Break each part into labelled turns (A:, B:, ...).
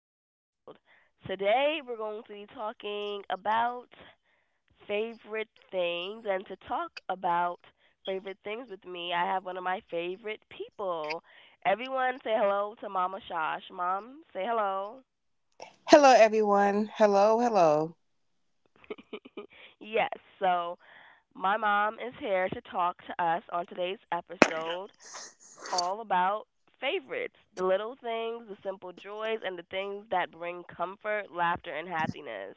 A: Unraveled. Today, we're going to be talking about favorite things, and to talk about favorite things with me, I have one of my favorite people. Everyone, say hello to Mama Shosh. Mom, say hello.
B: Hello, everyone. Hello, hello.
A: Yes, so my mom is here to talk to us on today's episode all about favorites, the little things, the simple joys, and the things that bring comfort, laughter, and happiness.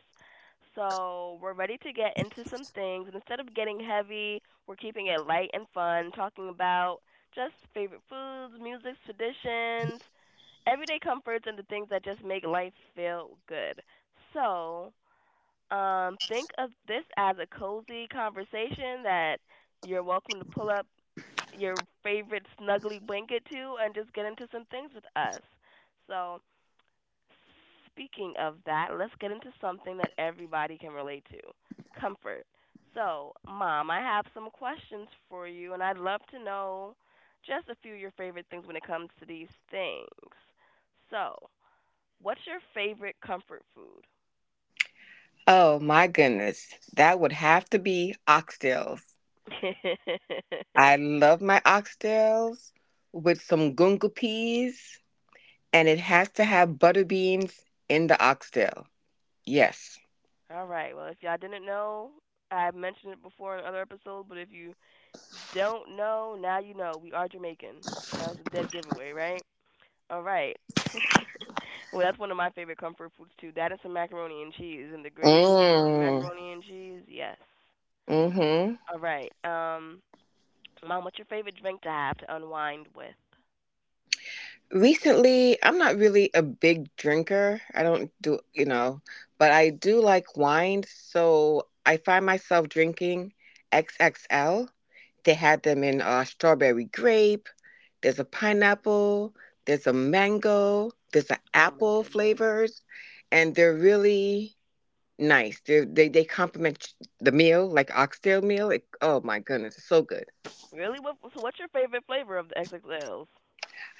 A: So, we're ready to get into some things. And instead of getting heavy, we're keeping it light and fun, talking about just favorite foods, music, traditions, everyday comforts, and the things that just make life feel good. So, think of this as a cozy conversation that you're welcome to pull up your favorite snuggly blanket to and just get into some things with us. So, speaking of that, let's get into something that everybody can relate to: comfort. So, Mom, I have some questions for you, and I'd love to know just a few of your favorite things when it comes to these things. So, what's your favorite comfort food?
B: Oh, my goodness. That would have to be oxtails. I love my oxtails with some gunga peas, and it has to have butter beans in the oxtail. Yes.
A: All right. Well, if y'all didn't know, I have mentioned it before in other episodes, but if you don't know, now you know. We are Jamaican. That was a dead giveaway, right? All right. Well, that's one of my favorite comfort foods too. That and some macaroni and cheese, and the gravy on the
B: Mm.
A: macaroni and cheese. Yes.
B: Mm-hmm.
A: All right. Mom, what's your favorite drink to have to unwind with?
B: Recently, I'm not really a big drinker. I don't do, but I do like wine, so I find myself drinking XXL. They had them in strawberry grape. There's a pineapple, there's a mango, there's an
A: Oh my
B: apple
A: goodness.
B: flavors, and they're really nice. They complement the meal, like oxtail meal. It, oh my goodness, it's so good.
A: Really? What? So, what's your favorite flavor of the XXLs?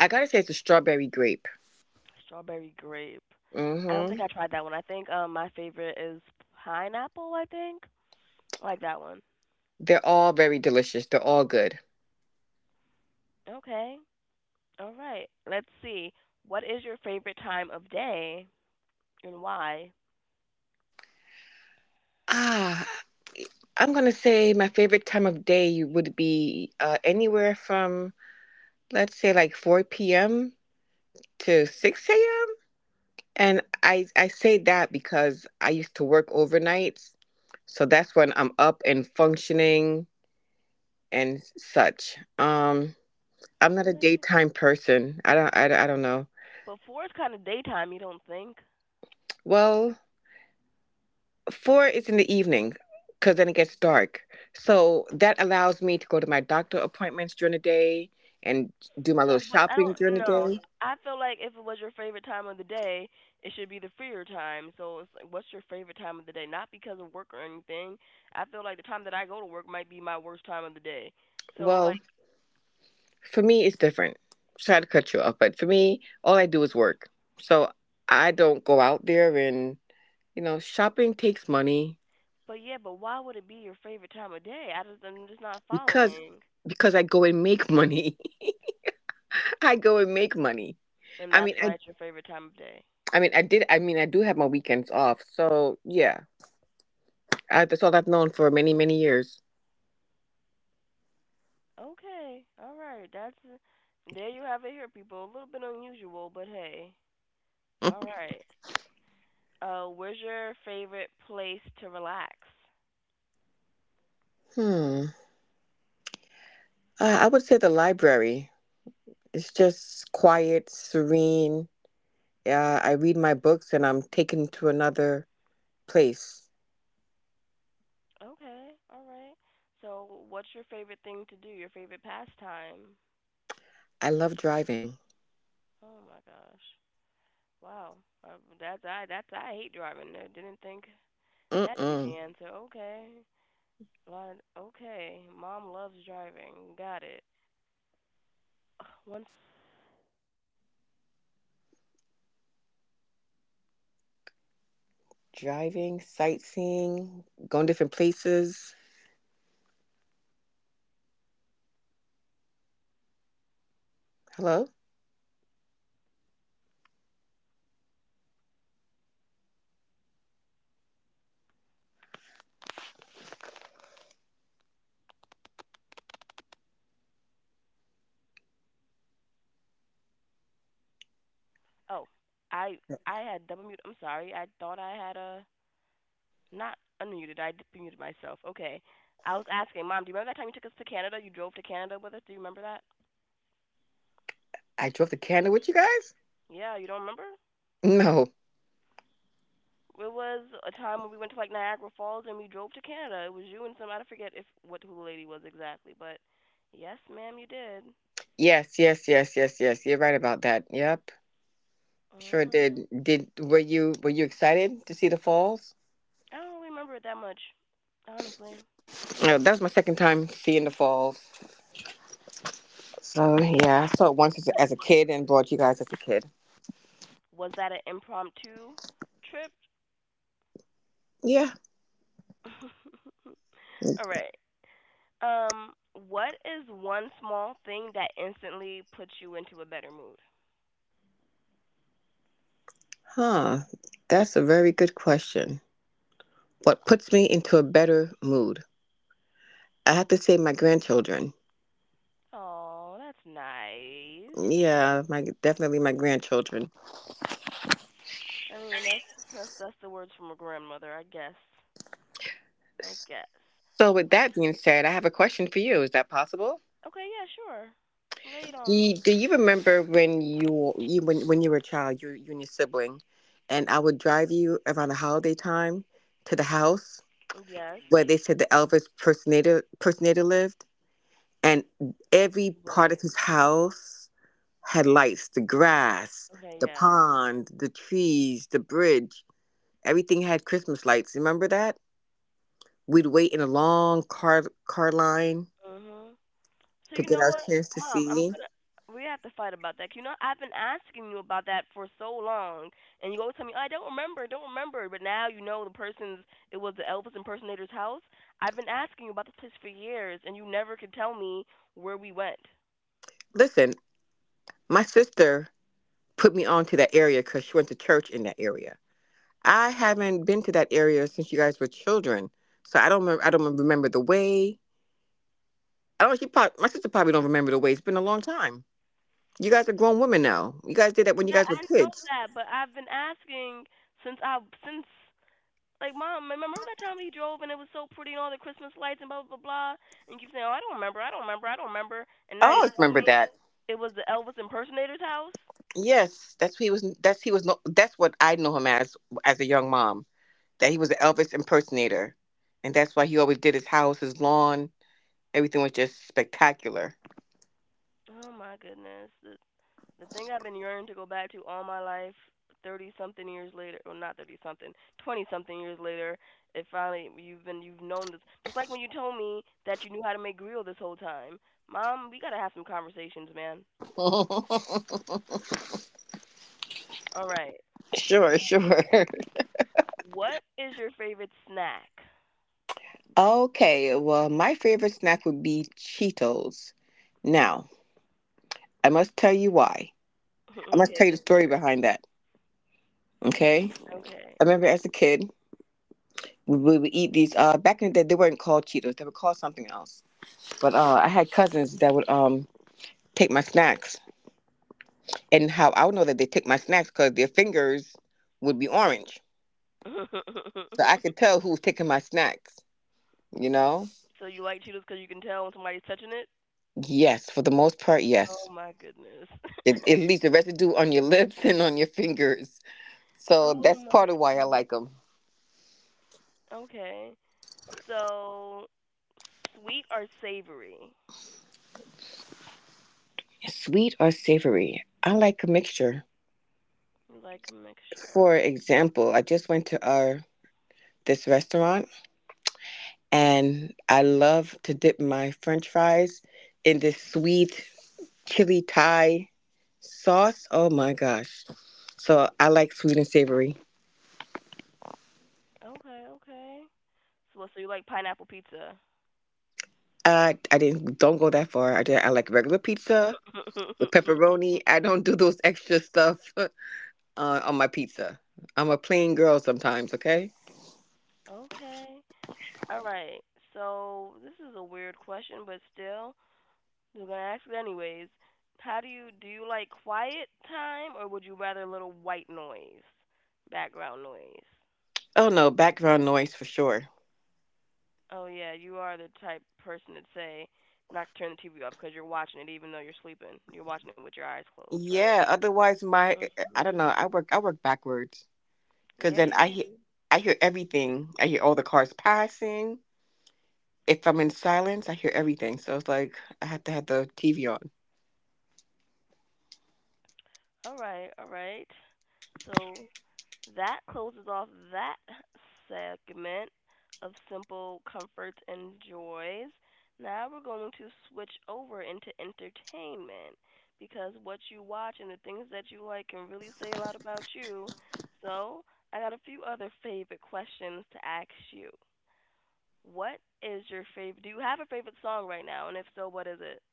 B: I gotta say, it's a strawberry grape.
A: Strawberry grape.
B: Mm
A: I don't think
B: hmm
A: I tried that one. I think my favorite is pineapple. I think I like that one.
B: They're all very delicious. They're all good.
A: Okay. All right. Let's see. What is your favorite time of day, and why?
B: Ah, I'm gonna say my favorite time of day would be anywhere from let's say like 4 p.m. to 6 a.m. And I say that because I used to work overnights. So that's when I'm up and functioning and such. I'm not a
A: Really?
B: daytime person. I don't know.
A: Before it's kind of daytime, you don't think?
B: Well, 4 is in the evening, cuz then it gets dark. So that allows me to go to my doctor appointments during the day and do my
A: So,
B: little
A: but I
B: shopping during
A: don't
B: the
A: know.
B: day.
A: I feel like if it was your favorite time of the day, it should be the freer time. So it's like, what's your favorite time of the day? Not because of work or anything. I feel like the time that I go to work might be my worst time of the day. So like,
B: Well, for me it's different. Try to cut you off, but for me all I do is work. So I don't go out there and, you know, shopping takes money,
A: but yeah, but why would it be your favorite time of day? I'm just not
B: because
A: following,
B: because I go and make money. I go and make money.
A: and
B: I mean,
A: that's why
B: I
A: it's your favorite time of day.
B: I did. I do have my weekends off. So yeah, I, that's all I've known for many years.
A: Okay. All right. That's there you have it here, people. A little bit unusual, but hey. All right. Where's your favorite place to relax?
B: Hmm. I would say the library. It's just quiet, serene. I read my books and I'm taken to another place.
A: Okay. All right. So, what's your favorite thing to do? Your favorite pastime?
B: I love driving.
A: Oh my gosh. Wow. That's, I hate driving. I didn't think that'd be
B: Mm-mm.
A: the answer. Okay. Well, okay. Mom loves driving. Got it. Ugh, once.
B: Driving, sightseeing, going different places. Hello?
A: Oh, I I had double mute. I'm sorry. I thought I had a not unmuted. I muted myself. Okay. I was asking, Mom, do you remember that time you took us to Canada? You drove to Canada with us. Do you remember that?
B: I drove to Canada with you guys?
A: Yeah, you don't remember?
B: No.
A: It was a time when we went to like Niagara Falls and we drove to Canada. It was you and some, I forget if what who the lady was exactly, but yes, ma'am, you did.
B: Yes, yes, yes, yes, yes. You're right about that. Yep.
A: Uh
B: Sure
A: huh.
B: did. Were you excited to see the falls?
A: I don't really remember it that much, honestly.
B: No, that was my second time seeing the falls. So yeah, I saw it once as
A: Wa-
B: as a kid and brought you guys as a kid.
A: Was that an impromptu trip?
B: Yeah.
A: All right. Um, what is one small thing that instantly puts you into a better mood?
B: Huh. That's a very good question. What puts me into a better mood? I have to say my grandchildren.
A: Oh, that's nice.
B: Yeah, my definitely my grandchildren.
A: I mean, that's that's the words from a grandmother, I guess. I guess.
B: So with
A: What?
B: that being said, I have a question for you. Is that possible?
A: Okay, yeah, sure. Lay it
B: Do
A: on me.
B: you, do you remember when you when you were a child, you and your sibling, and I would drive you around the holiday time to the house
A: Oh, yes.
B: where they said the Elvis personator lived, and every part
A: Wait.
B: of his house had lights, the grass,
A: Okay,
B: the
A: yeah.
B: pond, the trees, the bridge, everything had Christmas lights. Remember that? We'd wait in a long car line
A: Mhm. So
B: to
A: you
B: get
A: know
B: our
A: what,
B: chance to
A: Mom? I'm
B: see.
A: gonna. We have to fight about that. You know, I've been asking you about that for so long, and you always tell me, "Oh, I don't remember, don't remember." But now you know the person's. It was the Elvis impersonator's house. I've been asking you about this place for years, and you never could tell me where we went.
B: Listen, my sister put me on to that area because she went to church in that area. I haven't been to that area since you guys were children, so I don't remember. I don't remember the way. I don't. She probably, my sister probably don't remember the way. It's been a long time. You guys are grown women now. You guys did that when you
A: Yeah,
B: guys were
A: I know
B: kids.
A: that, but I've been asking since I since, like, mom, like, remember that time we drove and it was so pretty and all the Christmas lights and blah blah blah, blah, and you keep saying, "Oh, I don't remember, I don't remember, I don't remember," and
B: I
A: now you're
B: always
A: telling
B: remember
A: me
B: that.
A: it was the Elvis impersonator's house.
B: Yes, that's who he was. That's he was. No- That's what I know him as a young mom. That he was an Elvis impersonator, and that's why he always did his house, his lawn. Everything was just spectacular.
A: Oh my goodness, the thing I've been yearning to go back to all my life, thirty something years later, well not thirty something, twenty something years later, it finally you've known this. Just like when you told me that you knew how to make grill this whole time, mom, we gotta have some conversations, man. All right.
B: sure, sure.
A: What is your favorite snack?
B: Okay, well, my favorite snack would be Cheetos. Now, I must tell you why. I must
A: Okay,
B: tell you the
A: let's
B: story
A: hear it.
B: behind that. Okay,
A: Okay.
B: I remember as a kid, we would eat these. Back in the day, they weren't called Cheetos; they were called something else. But I had cousins that would take my snacks, and how I would know that they take my snacks because their fingers would be orange, so I could tell who was taking my snacks. You know?
A: So you like Cheetos because you can tell when somebody's touching it?
B: Yes, for the most part, yes.
A: Oh my goodness.
B: It leaves a residue on your lips and on your fingers. So
A: Oh
B: that's
A: my
B: part of why I like them.
A: god. Okay. So sweet or savory?
B: Sweet or savory? I like a mixture.
A: You like a mixture.
B: For example, I just went to our this restaurant and I love to dip my french fries in this sweet chili Thai sauce. Oh my gosh. So I like sweet and savory.
A: Okay, okay. So you like pineapple pizza?
B: I didn't don't go that far. I like regular pizza with pepperoni. I don't do those extra stuff on my pizza. I'm a plain girl sometimes, okay?
A: Okay. All right. So this is a weird question, but still, I was gonna ask you anyways. How do you Do you like quiet time, or would you rather little white noise? Background noise.
B: Oh no, background noise for sure.
A: Oh yeah, you are the type person to say not to turn the TV off because you're watching it even though you're sleeping. You're watching it with your eyes closed, right?
B: Yeah, otherwise my, I
A: Mhm.
B: don't know. I work backwards because
A: Yeah,
B: then
A: you do.
B: I hear everything. I hear all the cars passing. If I'm in silence, I hear everything. So it's like I have to have the TV on.
A: All right, all right. So that closes off that segment of simple comforts and joys. Now we're going to switch over into entertainment because what you watch and the things that you like can really say a lot about you. So, I got a few other favorite questions to ask you. What is your favorite? Do you have a favorite song right now? And if so, what is it?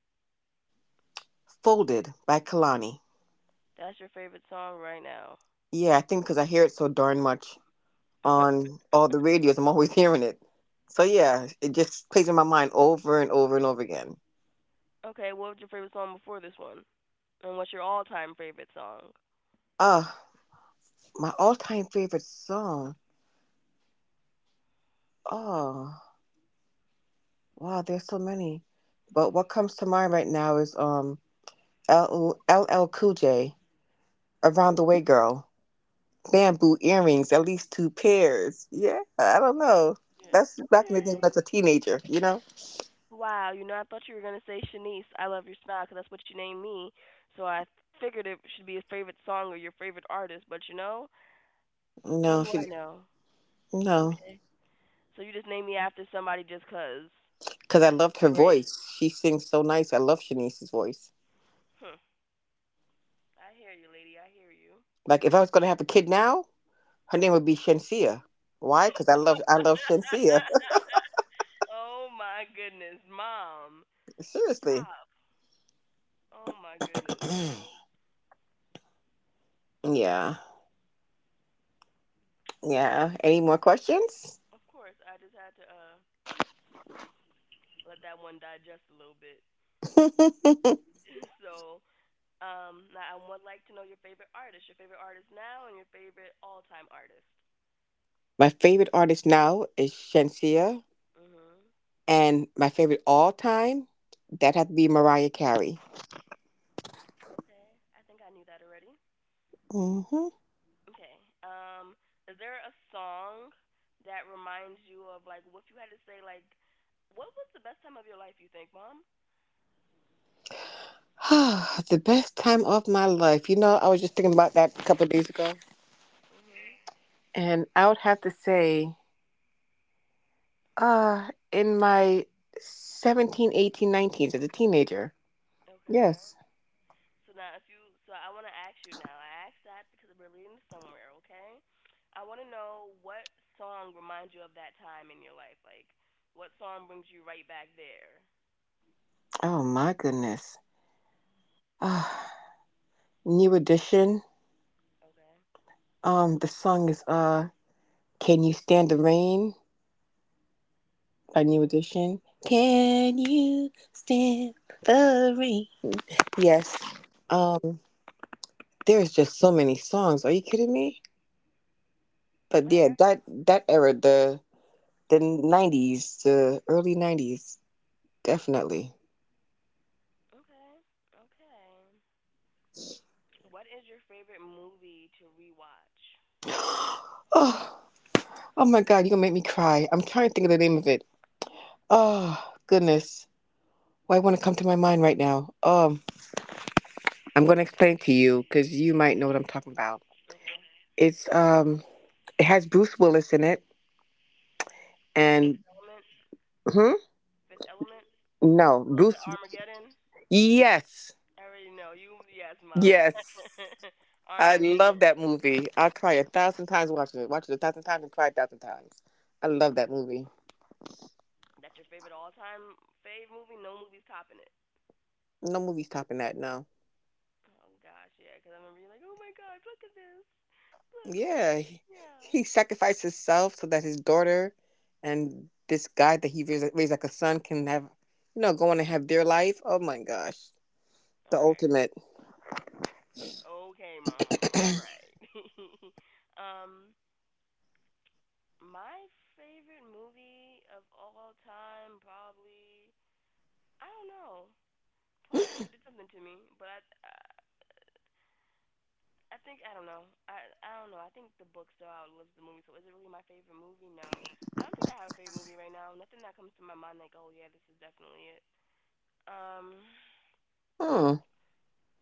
B: Folded by Kalani.
A: That's your favorite song right now.
B: Yeah, I think because I hear it so darn much on all the radios, I'm always hearing it. So yeah, it just plays in my mind over and over and over again.
A: Okay, what was your favorite song before this one? And what's your all-time favorite song?
B: Uh, my all-time favorite song. Oh. Wow, there's so many. But what comes to mind right now is L L Cool J, Around the Way Girl, bamboo earrings, at least two pairs. Yeah, I don't know.
A: Yeah.
B: That's back in the day when
A: Okay.
B: I was a teenager, you know?
A: Wow, you know, I thought you were gonna say Shanice, "I Love Your Smile," 'cause that's what you named me. So I figured it should be a favorite song or your favorite artist. But you know, what
B: No,
A: do
B: she
A: I know?
B: no,
A: Okay. So you just named me after somebody just 'cause.
B: because I loved her
A: Great.
B: voice. She sings so nice. I love Shanice's voice.
A: Hmm. I hear you, lady. I hear you.
B: Like if I was gonna have a kid now, her name would be Shensia. Why? Because I love Shensia.
A: Oh my goodness, mom.
B: Seriously.
A: Stop. Oh my goodness, bro.
B: yeah. Yeah. Any more questions?
A: Of course, I just had to let that one digest a little bit. so Now I would like to know your favorite artist now, and your favorite all-time artist.
B: My favorite artist now is Shensia,
A: Mhm.
B: and my favorite all time, that had to be Mariah Carey.
A: Okay. I think I knew that already.
B: Hmm
A: Okay. Is there a song that reminds you of, like, what you had to say? Like, what was the best time of your life? You think, Mom?
B: the best time of my life. You know, I was just thinking about that a couple of days ago,
A: Mhm.
B: and I would have to say, in my 17, 18, nineteens as a teenager.
A: Okay.
B: Yes.
A: So now, if you, so I want to ask you now. I asked that because we're leading to somewhere. Okay. I want to know what song reminds you of that time in your life. Like, what song brings you right back there?
B: Oh my goodness. Uh, new edition.
A: Okay.
B: The song is "Can You Stand the Rain." A New Edition. Can you stand the rain? Yes. Um,
A: Mm-hmm.
B: there's just so many songs. Are you kidding me? But
A: All right.
B: yeah, that that era, the '90s, the early '90s, definitely.
A: Okay. Okay. What is your favorite movie to rewatch?
B: Oh, oh my God, you're gonna make me cry. I'm trying to think of the name of it. Oh goodness, why want to come to my mind right now? I'm gonna explain to you because you might know what I'm talking about.
A: Okay.
B: It's it has Bruce Willis in it,
A: Oh,
B: and
A: Fifth Element.
B: hmm?
A: Fifth Element.
B: No,
A: Oh, the
B: Bruce.
A: Armageddon.
B: Yes,
A: I already know you. Yes, mom.
B: yes. I love
A: Armageddon.
B: that movie. I cry a thousand times watching it. Watch it a thousand times and cry a thousand times. I love that movie.
A: That's your favorite all-time fave movie. No movie's topping it.
B: No movie's topping that. No.
A: Oh gosh, yeah. Because I remember you like, oh my gosh, look at this. Look, look.
B: Yeah,
A: Yeah.
B: he sacrificed himself so that his daughter and this guy that he raised, raised like a son can have, you know, go on and have their life. Oh my gosh,
A: All
B: the
A: right.
B: ultimate.
A: Okay, mom. All right. um. My favorite movie of all time, probably. I don't know. Probably did something to me, but I, I think I don't know. I don't know. I think the book still outlives the movie. So is it really my favorite movie? No. I don't think I have a favorite movie right now. Nothing that comes to my mind like, oh yeah, this is definitely it. Um,
B: Hmm.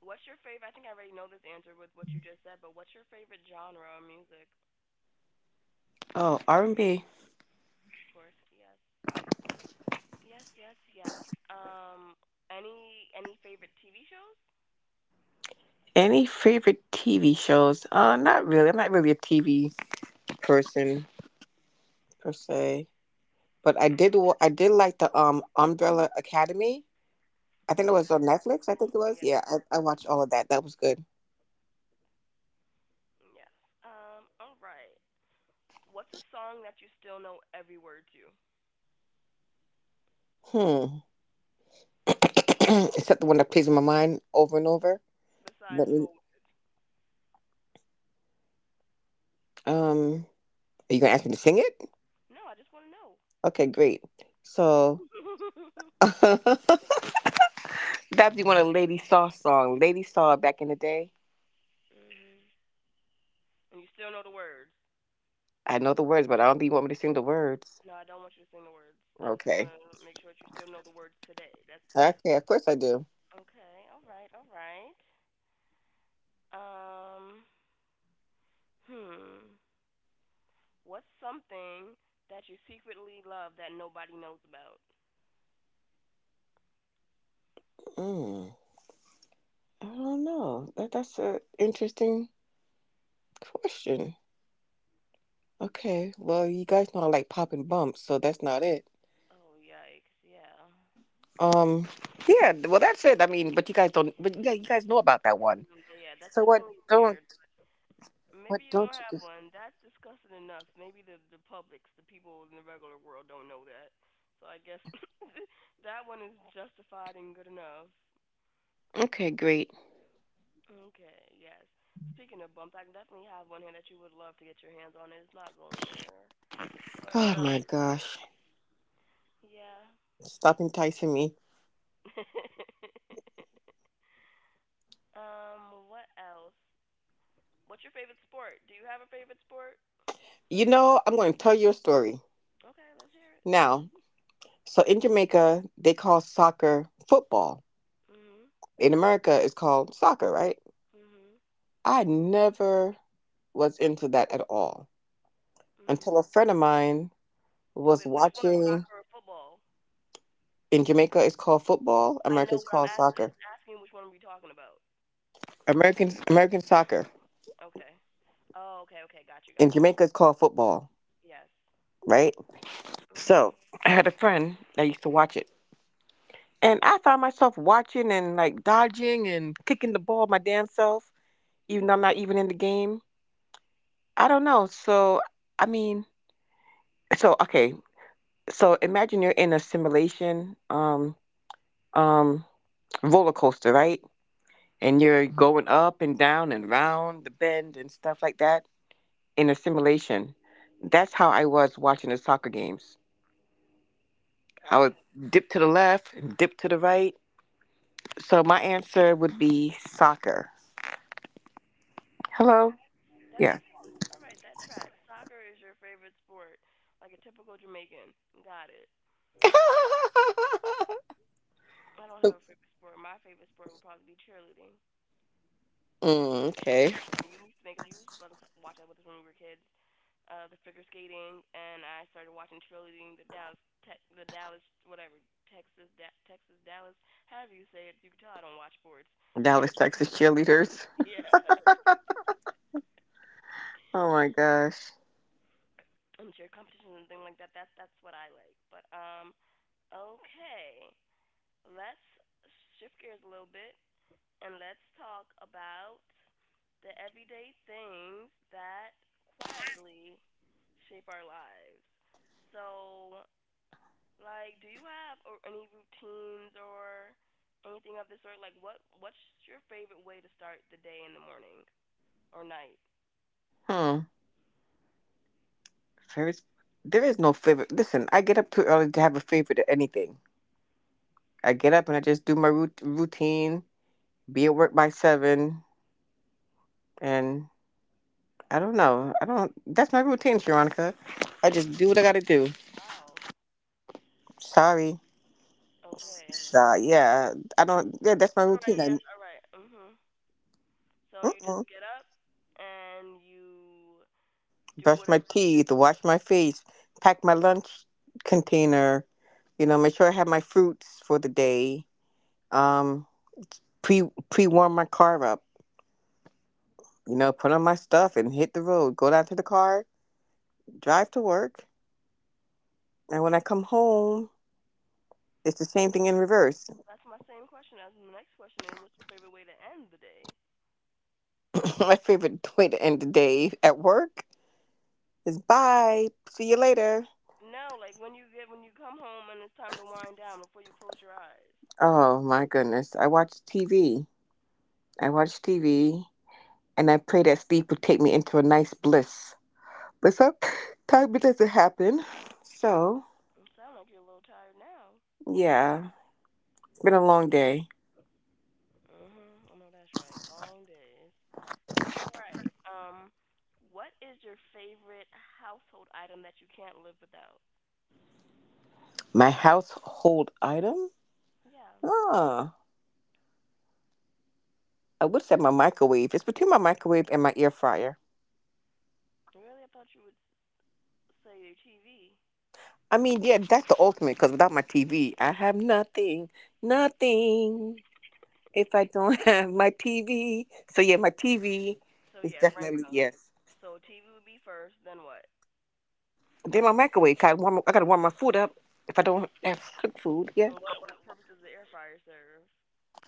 A: what's your favorite? I think I already know this answer with what you just said, but what's your favorite genre of music?
B: Oh, R and B.
A: Of course, yes, yes, yes, yes. Um, any favorite TV shows?
B: Any favorite TV shows? Not really. I'm not really a TV person per se. But I did like the Umbrella Academy. I think it
A: Yeah,
B: was on
A: that's pretty
B: Netflix. I think
A: cool.
B: it was.
A: Yeah,
B: Yeah,
A: that was.
B: I watched all of that. That was good.
A: Yes. All right. What's a song that you still know every word to,
B: Hmm. Except the one that plays in my mind over and over.
A: besides
B: Let me.
A: for?
B: Um. Are you gonna ask me to sing it?
A: No, I just want to know.
B: Okay, great. So that'd be one of Lady Saw song. Lady Saw back in the day.
A: Mhm. And you still know the words.
B: I know the words, but I don't think you want me to sing the words.
A: No, I don't want you to sing the words. I just want
B: Okay.
A: to make sure that you still know the words today. That's the.
B: Okay. Of course I do.
A: Okay. All right. All right. Um. Hmm. What's something that you secretly love that nobody knows about?
B: Mm, I don't know. That's an interesting question. Okay, well, you guys know I like popping bumps, so that's not it.
A: Oh yikes! Yeah.
B: Um, yeah, well, that's it. I mean, but you guys don't, but yeah, you guys know about that one.
A: Mm, yeah, that's
B: So what?
A: definitely weird.
B: Don't
A: Maybe
B: what?
A: you
B: Don't
A: don't
B: you?
A: have
B: Just...
A: one. That's disgusting enough. Maybe the publics, the people in the regular world, don't know that. So I guess that one is justified and good enough.
B: Okay, great.
A: Okay, yes. Speaking of bumps, I definitely have one here that you would love to get your hands on. It's not going nowhere. But
B: Oh my gosh,
A: yeah.
B: stop enticing me.
A: What else? What's your favorite sport? Do you have a favorite sport?
B: You know, I'm going to tell you a story
A: Okay, let's hear it.
B: now. So in Jamaica, they call soccer football.
A: Mhm.
B: In America, it's called soccer, right?
A: Mhm.
B: I never was into that at all
A: Mhm.
B: until a friend of mine was
A: Wait, which one?
B: watching.
A: Soccer or football?
B: In Jamaica, it's called football.
A: I
B: America,
A: know
B: it's
A: what I'm
B: called
A: asking. I'm
B: soccer.
A: just asking which one are we talking about?
B: American soccer.
A: Okay. Oh, okay, okay. Got you, got
B: In
A: you.
B: Jamaica, it's called football,
A: Yes.
B: right?
A: Mhm.
B: So I had a friend that used to watch it, and I found myself watching and like dodging and kicking the ball my damn self, even though I'm not even in the game. I don't know. So I mean, so okay. So imagine you're in a simulation, um, roller coaster, right? And you're going up and down and round the bend and stuff like that in a simulation. That's how I was watching the soccer games. I would
A: Okay.
B: dip to the left, dip to the right. So my answer would be soccer.
A: Okay.
B: Hello?
A: That
B: Yeah.
A: makes sense. All right, that tracks. Soccer is your favorite sport, like a typical Jamaican. Got it. I don't have a favorite sport. My favorite sport would probably be cheerleading.
B: Mm,
A: Figure
B: okay.
A: skating. You used to make us. You used to let us watch that with us when we were kids. The figure skating, and I started watching cheerleading. The Dallas, Tech, the Dallas, whatever, Texas, Texas, Dallas. However you say it, you can tell I don't watch sports.
B: Dallas, Texas cheerleaders.
A: Yeah.
B: Oh my gosh.
A: Cheer competitions and things like that. That's what I like. But okay, let's shift gears a little bit, and let's talk about the everyday things that quietly shape our lives. So, like, do you have or any routines or anything of the sort? Like, what's your favorite way to start the day in the morning or night?
B: Hmm. There is There is no favorite. Listen, I get up too early to have a favorite of anything. I get up and I just do my routine. Be at work by 7, and I don't know. I don't. That's my routine, Sharonica. I just do what I gotta do.
A: Wow.
B: Sorry.
A: Okay.
B: Yeah, I don't. Yeah, that's my
A: All right.
B: routine. I
A: Yes. All right. Mhm. So you just
B: Mm-mm.
A: get up and you do
B: Brush my
A: whatever it is.
B: teeth, wash my face, pack my lunch container. You know, make sure I have my fruits for the day. Um, pre pre warm my car up. You know, put on my stuff and hit the road. Go down to the car, drive to work, and when I come home, it's the same thing in reverse.
A: That's my same question, as the next question is, what's your favorite way to end the day?
B: My favorite way to end the day at work is bye. See you later.
A: No, like when you get when you come home and it's time to wind down before you close your eyes.
B: Oh my goodness. I watch TV. I watch TV and I pray that sleep would take me into a nice bliss. But sometimes it doesn't happen. So,
A: You sound like you're a little tired now.
B: yeah, it's been a long day.
A: Mhm. I know that's right. Long days. All right. What is your favorite household item that you can't live without?
B: My household item?
A: Yeah.
B: Ah, I would say my microwave. It's between my microwave and my air fryer.
A: Really, I thought you would say your TV.
B: I mean, yeah, that's the ultimate because without my TV, I have nothing. Nothing. If I don't have my TV, so yeah, my TV
A: So
B: is
A: yeah, rank
B: definitely
A: them.
B: yes.
A: So TV would be first, then what?
B: Then my microwave. Got warm, I gotta warm my food up. If I don't have cooked food, yeah.
A: And what purpose does the air fryer serve?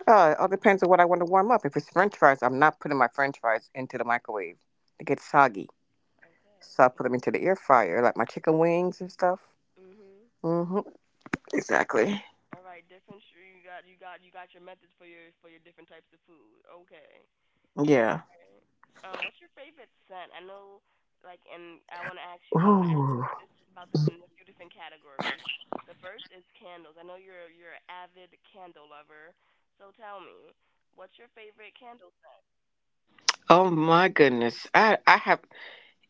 B: It all depends on what I want to warm up. If it's French fries, I'm not putting my French fries into the microwave. They get soggy, so I put them
A: Okay.
B: into the air fryer, like my chicken wings and stuff.
A: Mhm.
B: Hmm. Exactly.
A: All right, different. You got your methods for your different types of food. Okay.
B: Yeah.
A: Alright. What's your favorite scent? I know, like, and I want to ask you. I'm gonna ask
B: Ooh.
A: you this about this in a few different categories. The first is candles. I know you're an avid candle lover, so tell me, what's your favorite candle scent?
B: Oh my goodness. I have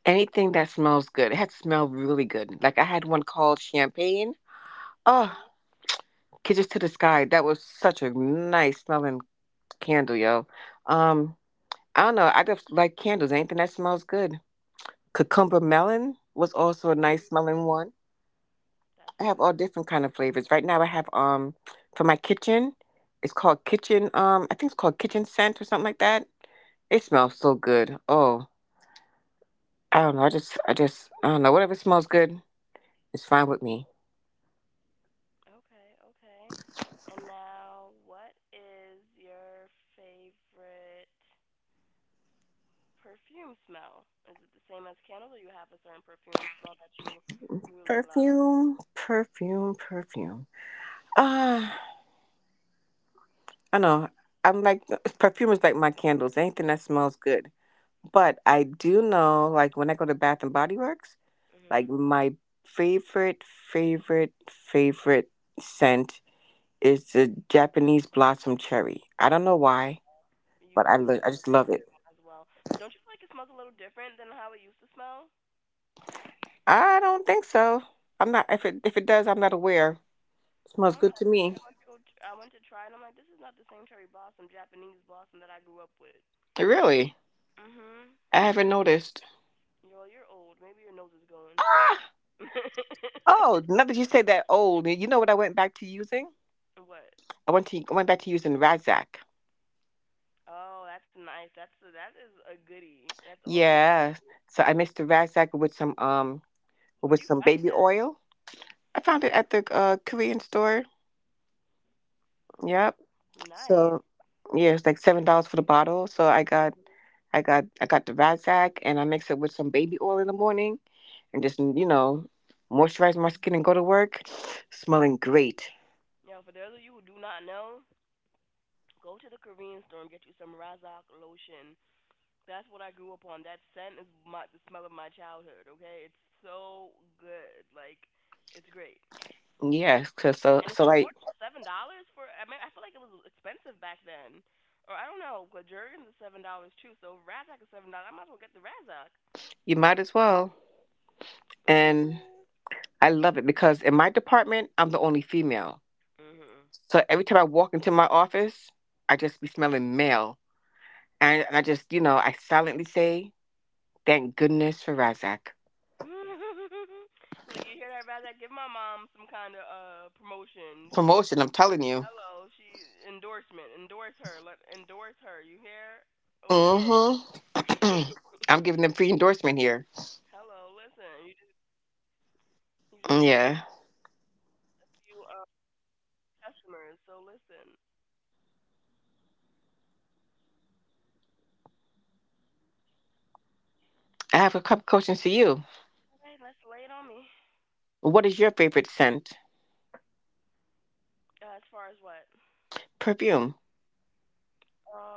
B: anything that smells good. It had to smell really good. Like I had one called champagne.
A: Mhm.
B: Oh. Kisses to the Sky. That was such a nice smelling candle, yo. Um, I don't know. I just like candles. Anything that smells good. Cucumber melon was also a nice smelling one.
A: That's
B: I
A: a
B: have
A: good.
B: all different kind of flavors. Right now, I have for my kitchen. It's called kitchen. I think it's called kitchen scent or something like that. It smells so good. Oh, I don't know. I don't know. Whatever smells good, it's fine with me.
A: Okay, okay. And now, what is your favorite perfume smell? Is it the same as candles, or you have a certain perfume smell that you really love?
B: Perfume, perfume, perfume. Ah. I know. I'm like perfume is like my candles. Anything that smells good. But I do know, like when I go to Bath and Body Works,
A: Mhm.
B: like my favorite, favorite, favorite scent is the Japanese blossom cherry. I don't know why,
A: You
B: but
A: put me on
B: I just
A: that
B: love
A: too,
B: it.
A: as well. But don't you feel like it smells a little different than how it used to smell?
B: I don't think so. I'm not. If it does, I'm not aware.
A: I
B: Smells
A: don't
B: good
A: know. I
B: to
A: feel
B: me.
A: like I went to I went to try, and I'm like, this is not the same cherry blossom, Japanese blossom that I grew up with.
B: Really,
A: Mhm.
B: I haven't noticed.
A: Yo, you're old. Maybe your nose is going.
B: Ah. Oh, now that you say that old, you know what I went back to using?
A: What?
B: I went back to using Razak.
A: Oh, that's nice. That is a goodie. That's always.
B: Yeah. So I mixed the razzmatazz with some um
A: Where'd
B: with
A: you
B: some
A: find
B: baby
A: that?
B: oil. I found it at the Korean store. Yep.
A: Nice.
B: So yeah, it's like $7 for the bottle. So I got the razzmatazz and I mix it with some baby oil in the morning and just moisturize my skin and go to work, smelling great.
A: Yeah, for those of you who do not know, go to the Korean store and get you some Razak lotion. That's what I grew up on. That scent is my the smell of my childhood. Okay, it's so good. Like, it's great,
B: Yeah. So so,
A: and
B: so
A: it's
B: like,
A: affordable. $7 for I mean I feel like it was expensive back then, or I don't know. But Jergens is $7 too. So if Razak is $7, I might as well get the Razak.
B: you might as well. And
A: Mhm.
B: I love it because in my department I'm the only female.
A: Mhm.
B: So every time I walk into my office, I just be smelling male. And, I just, I silently say, thank goodness for Razak.
A: Look, you hear that, Razak? Give my mom some kind of promotion. She,
B: Promotion, I'm telling you.
A: hello, she endorsement. Endorse her. Let endorse her. You hear? Okay.
B: Mm-hmm. I'm giving them free endorsement here.
A: Hello, listen. You just you
B: Mm.
A: just
B: Yeah.
A: a few customers. So listen.
B: I have a couple questions for you.
A: All right, let's lay it on me.
B: What is your favorite scent?
A: As far as what?
B: Perfume.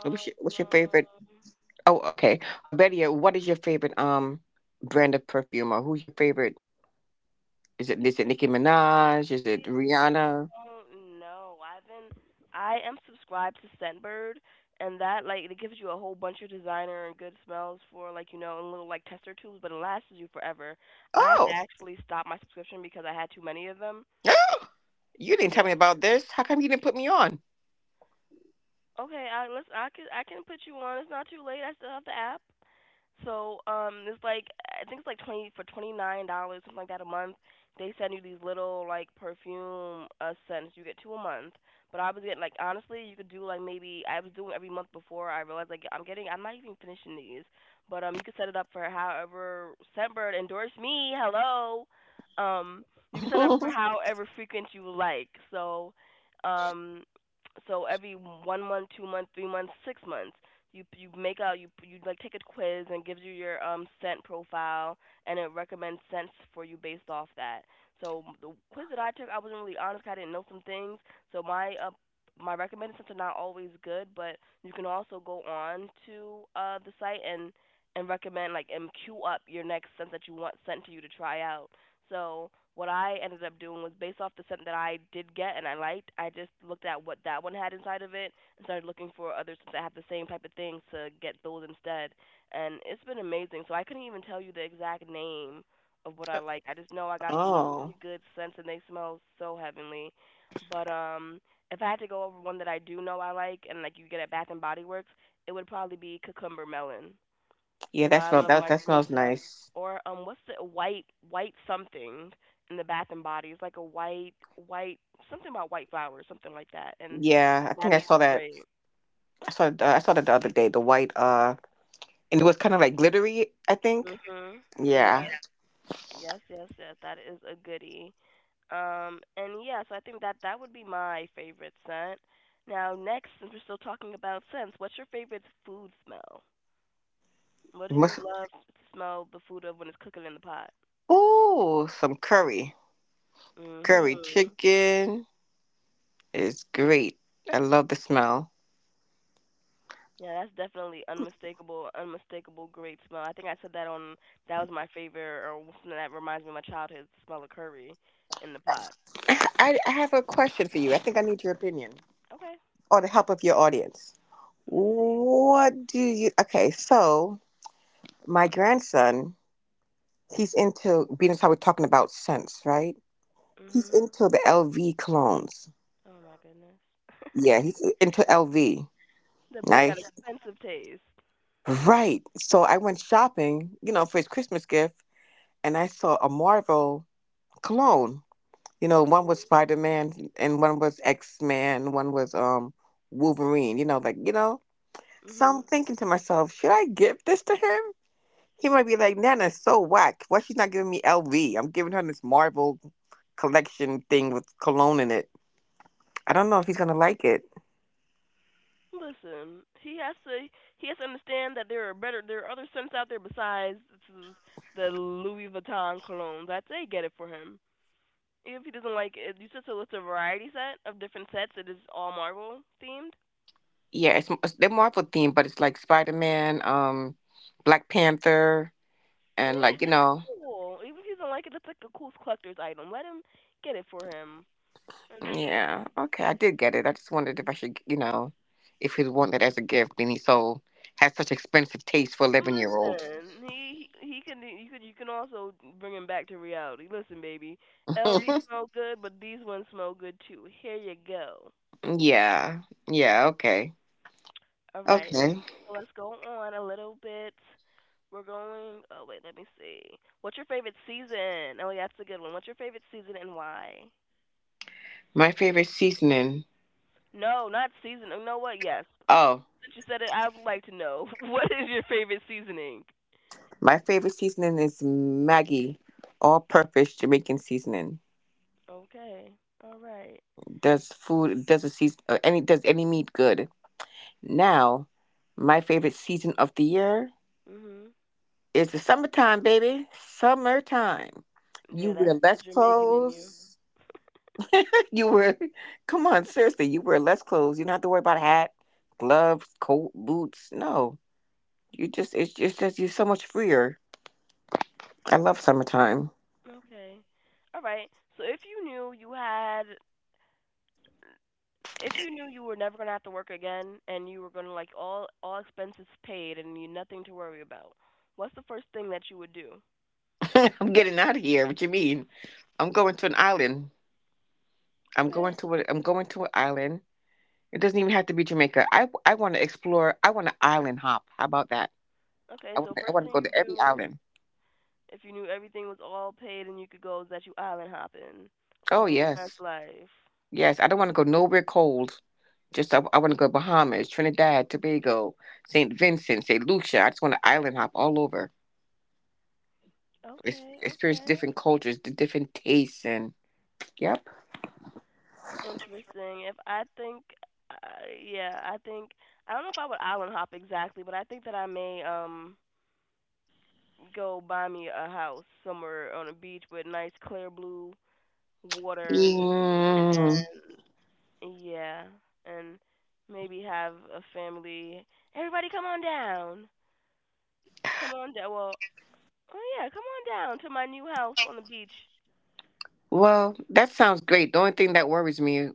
B: What's your favorite? Oh, okay. Or better yet, what is your favorite brand of perfume? Or who's your favorite? Is it Nicki Minaj? Is it Rihanna?
A: don't know. I am subscribed to Scentbird, and that like it gives you a whole bunch of designer and good smells for like you know in little like tester tubes, but it lasts you forever. I had to
B: Oh,
A: actually stop my subscription because I had too many of them.
B: you didn't tell me about this. How come you didn't put me on?
A: Okay, I can put you on. It's not too late. I still have the app. So it's like I think it's like 20 for $29, something like that a month. They send you these little like perfume scents. You get two a month, but I was getting like honestly, you could do like maybe I was doing every month before. I realized like I'm not even finishing these, but you could set it up for however Scentbird endorse me. Hello, um, you can set it up for however frequent you like. So, um, so every 1 month, 2 month, 3 months, 6 months, you make a you like take a quiz and gives you your scent profile, and it recommends scents for you based off that. So the quiz that I took, I wasn't really honest, 'cause I didn't know some things. So my recommended scents are not always good, but you can also go on to the site and recommend like and queue up your next scent that you want sent to you to try out. So what I ended up doing was based off the scent that I did get and I liked, I just looked at what that one had inside of it. I started looking for others that have the same type of things to get those instead. And it's been amazing. So I couldn't even tell you the exact name of what I like. I just know I got some
B: Oh.
A: really good scents, and they smell so heavenly. But if I had to go over one that I do know I like and like you get at Bath and Body Works, it would probably be cucumber melon.
B: Yeah,
A: You know, I love
B: that
A: my
B: that
A: green
B: smells
A: stuff.
B: nice.
A: Or what's the white white something in the Bath and Body? It's like a white white something about white flowers, something like that. And
B: Yeah, I
A: that
B: think I
A: is
B: saw that.
A: great.
B: I saw that the other day. The white, and it was kind of like glittery, I think.
A: Mhm.
B: Yeah.
A: Yes. Yes, yes, yes. That is a goodie. And yeah, so I think that that would be my favorite scent. Now, next, since we're still talking about scents, what's your favorite food smell? What do you
B: Must,
A: love to smell the food of when it's cooking in the pot?
B: some curry. Curry
A: Mhm.
B: chicken is great. I love the smell.
A: Yeah, that's definitely unmistakable great smell. I think I said that on that was my favorite or something that reminds me of my childhood smell of curry in the pot.
B: I have a question for you. I think I need your opinion
A: Okay,
B: or the help of your audience.
A: let's see.
B: What do you? Okay, so my grandson, he's into being as how we're talking about scents, right? He's
A: Mhm.
B: into the LV colognes.
A: Oh my goodness.
B: Yeah, he's into LV.
A: That boy
B: Right?
A: got expensive taste.
B: Right. So I went shopping, for his Christmas gift, and I saw a Marvel cologne. You know, one was Spider Man, and one was X Man, one was Wolverine. You know, like, you know. So I'm
A: Mhm.
B: thinking to myself, should I give this to him? He might be like, Nana's so whack. Why she's not giving me LV? I'm giving her this Marvel collection thing with cologne in it. I don't know if he's gonna like it.
A: Listen, he has to understand that there are other scents out there besides s- the Louis Vuitton colognes. I'd say get it for him. If he doesn't like it, you said so it's a variety set of different sets that is all Marvel themed.
B: Yeah, it's they're Marvel themed, but it's like Spider Man, Black Panther, and like,
A: Yeah,
B: you
A: that's
B: know,
A: cool. Even if he doesn't like it, that's like a cool collector's item. Let him get it for him. And
B: yeah. Okay, I did get it. I just wondered if I should, if he'd want that as a gift, and he so has such expensive taste for 11-year old.
A: listen, he can you can you can also bring him back to reality. Listen, baby, LV smell good, but these ones smell good too. Here you go.
B: Yeah, yeah. Okay,
A: All right,
B: okay.
A: so let's go on a little bit. We're going. Oh wait, let me see. What's your favorite season? Oh, yeah, that's a good one. What's your favorite season and why?
B: My favorite seasoning.
A: No, not season. You know what? Yes.
B: Oh,
A: Since you said it, I would like to know what is your favorite seasoning.
B: my favorite seasoning is Maggie, all purpose Jamaican seasoning.
A: Okay. All right.
B: Does food, does a season, any does any meat good? Now, my favorite season of the year
A: Mhm.
B: is the summertime, baby. Summertime. You
A: Yeah, that's
B: wear
A: the
B: less
A: Jamaican in you.
B: clothes. You wear, Come on, seriously, you wear less clothes. You don't have to worry about a hat, gloves, coat, boots. No, you just, it's just, you're so much freer. I love summertime.
A: Okay. All right. So if you knew you had if you knew you were never going to have to work again, and you were going to like all expenses paid and you nothing to worry about. What's the first thing that you would do?
B: I'm getting out of here. What you mean? I'm going to an island.
A: Okay.
B: I'm going to an island. It doesn't even have to be Jamaica. I want to explore. I want to island hop. How about that?
A: Okay,
B: I want
A: so
B: to, I
A: first
B: want to
A: thing
B: go
A: you
B: to every
A: do
B: island.
A: if you knew everything was all paid and you could go is that you island hopping,
B: Oh
A: living your best
B: yes,
A: life.
B: yes. I don't want to go nowhere cold. Just I want to go Bahamas, Trinidad, Tobago, Saint Vincent, Saint Lucia. I just want to island hop all over.
A: Okay,
B: Experience
A: okay.
B: different cultures, the different tastes, and yep.
A: Interesting. If I think yeah, I think I don't know if I would island hop exactly, but I think that I may go buy me a house somewhere on a beach with nice clear blue water,
B: Mm,
A: and yeah, and maybe have a family, everybody come on down, come on down, well, oh yeah, come on down to my new house on the beach.
B: well, that sounds great. The only thing that worries me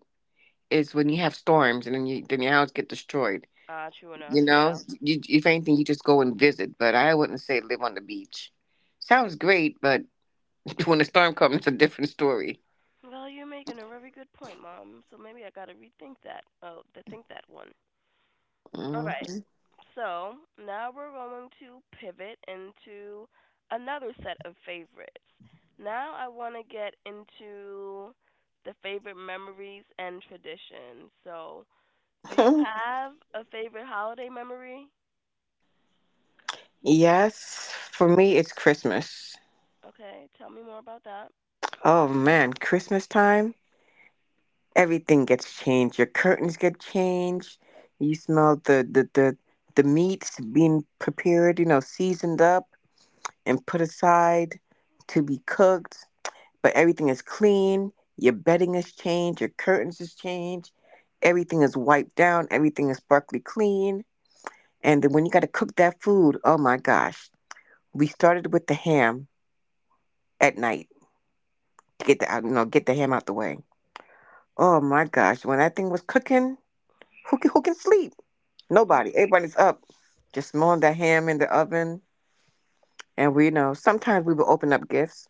B: is when you have storms and then your house get destroyed.
A: Ah, true
B: You
A: enough,
B: know,
A: yeah.
B: if anything, you just go and visit. But I wouldn't say live on the beach. Sounds great, but when a storm comes, it's a different story.
A: Well, you're making a very good point, Mom, so maybe I gotta rethink that. Oh, to think that one. All right.
B: Hmm.
A: So now we're going to pivot into another set of favorites. Now I want to get into the favorite memories and traditions. So, do you have a favorite holiday memory?
B: Yes, for me, it's Christmas.
A: Okay, tell me more about that.
B: Oh man, Christmas time, everything gets changed. Your curtains get changed. You smell the the meats being prepared, seasoned up and put aside to be cooked. But everything is clean. Your bedding is changed. Your curtains is changed. Everything is wiped down. Everything is sparkly clean. And then when you got to cook that food, oh my gosh, we started with the ham at night. Get the ham out the way. Oh my gosh, when that thing was cooking, who can sleep? Nobody. Everybody's up, just smelling the ham in the oven. And we, sometimes we will open up gifts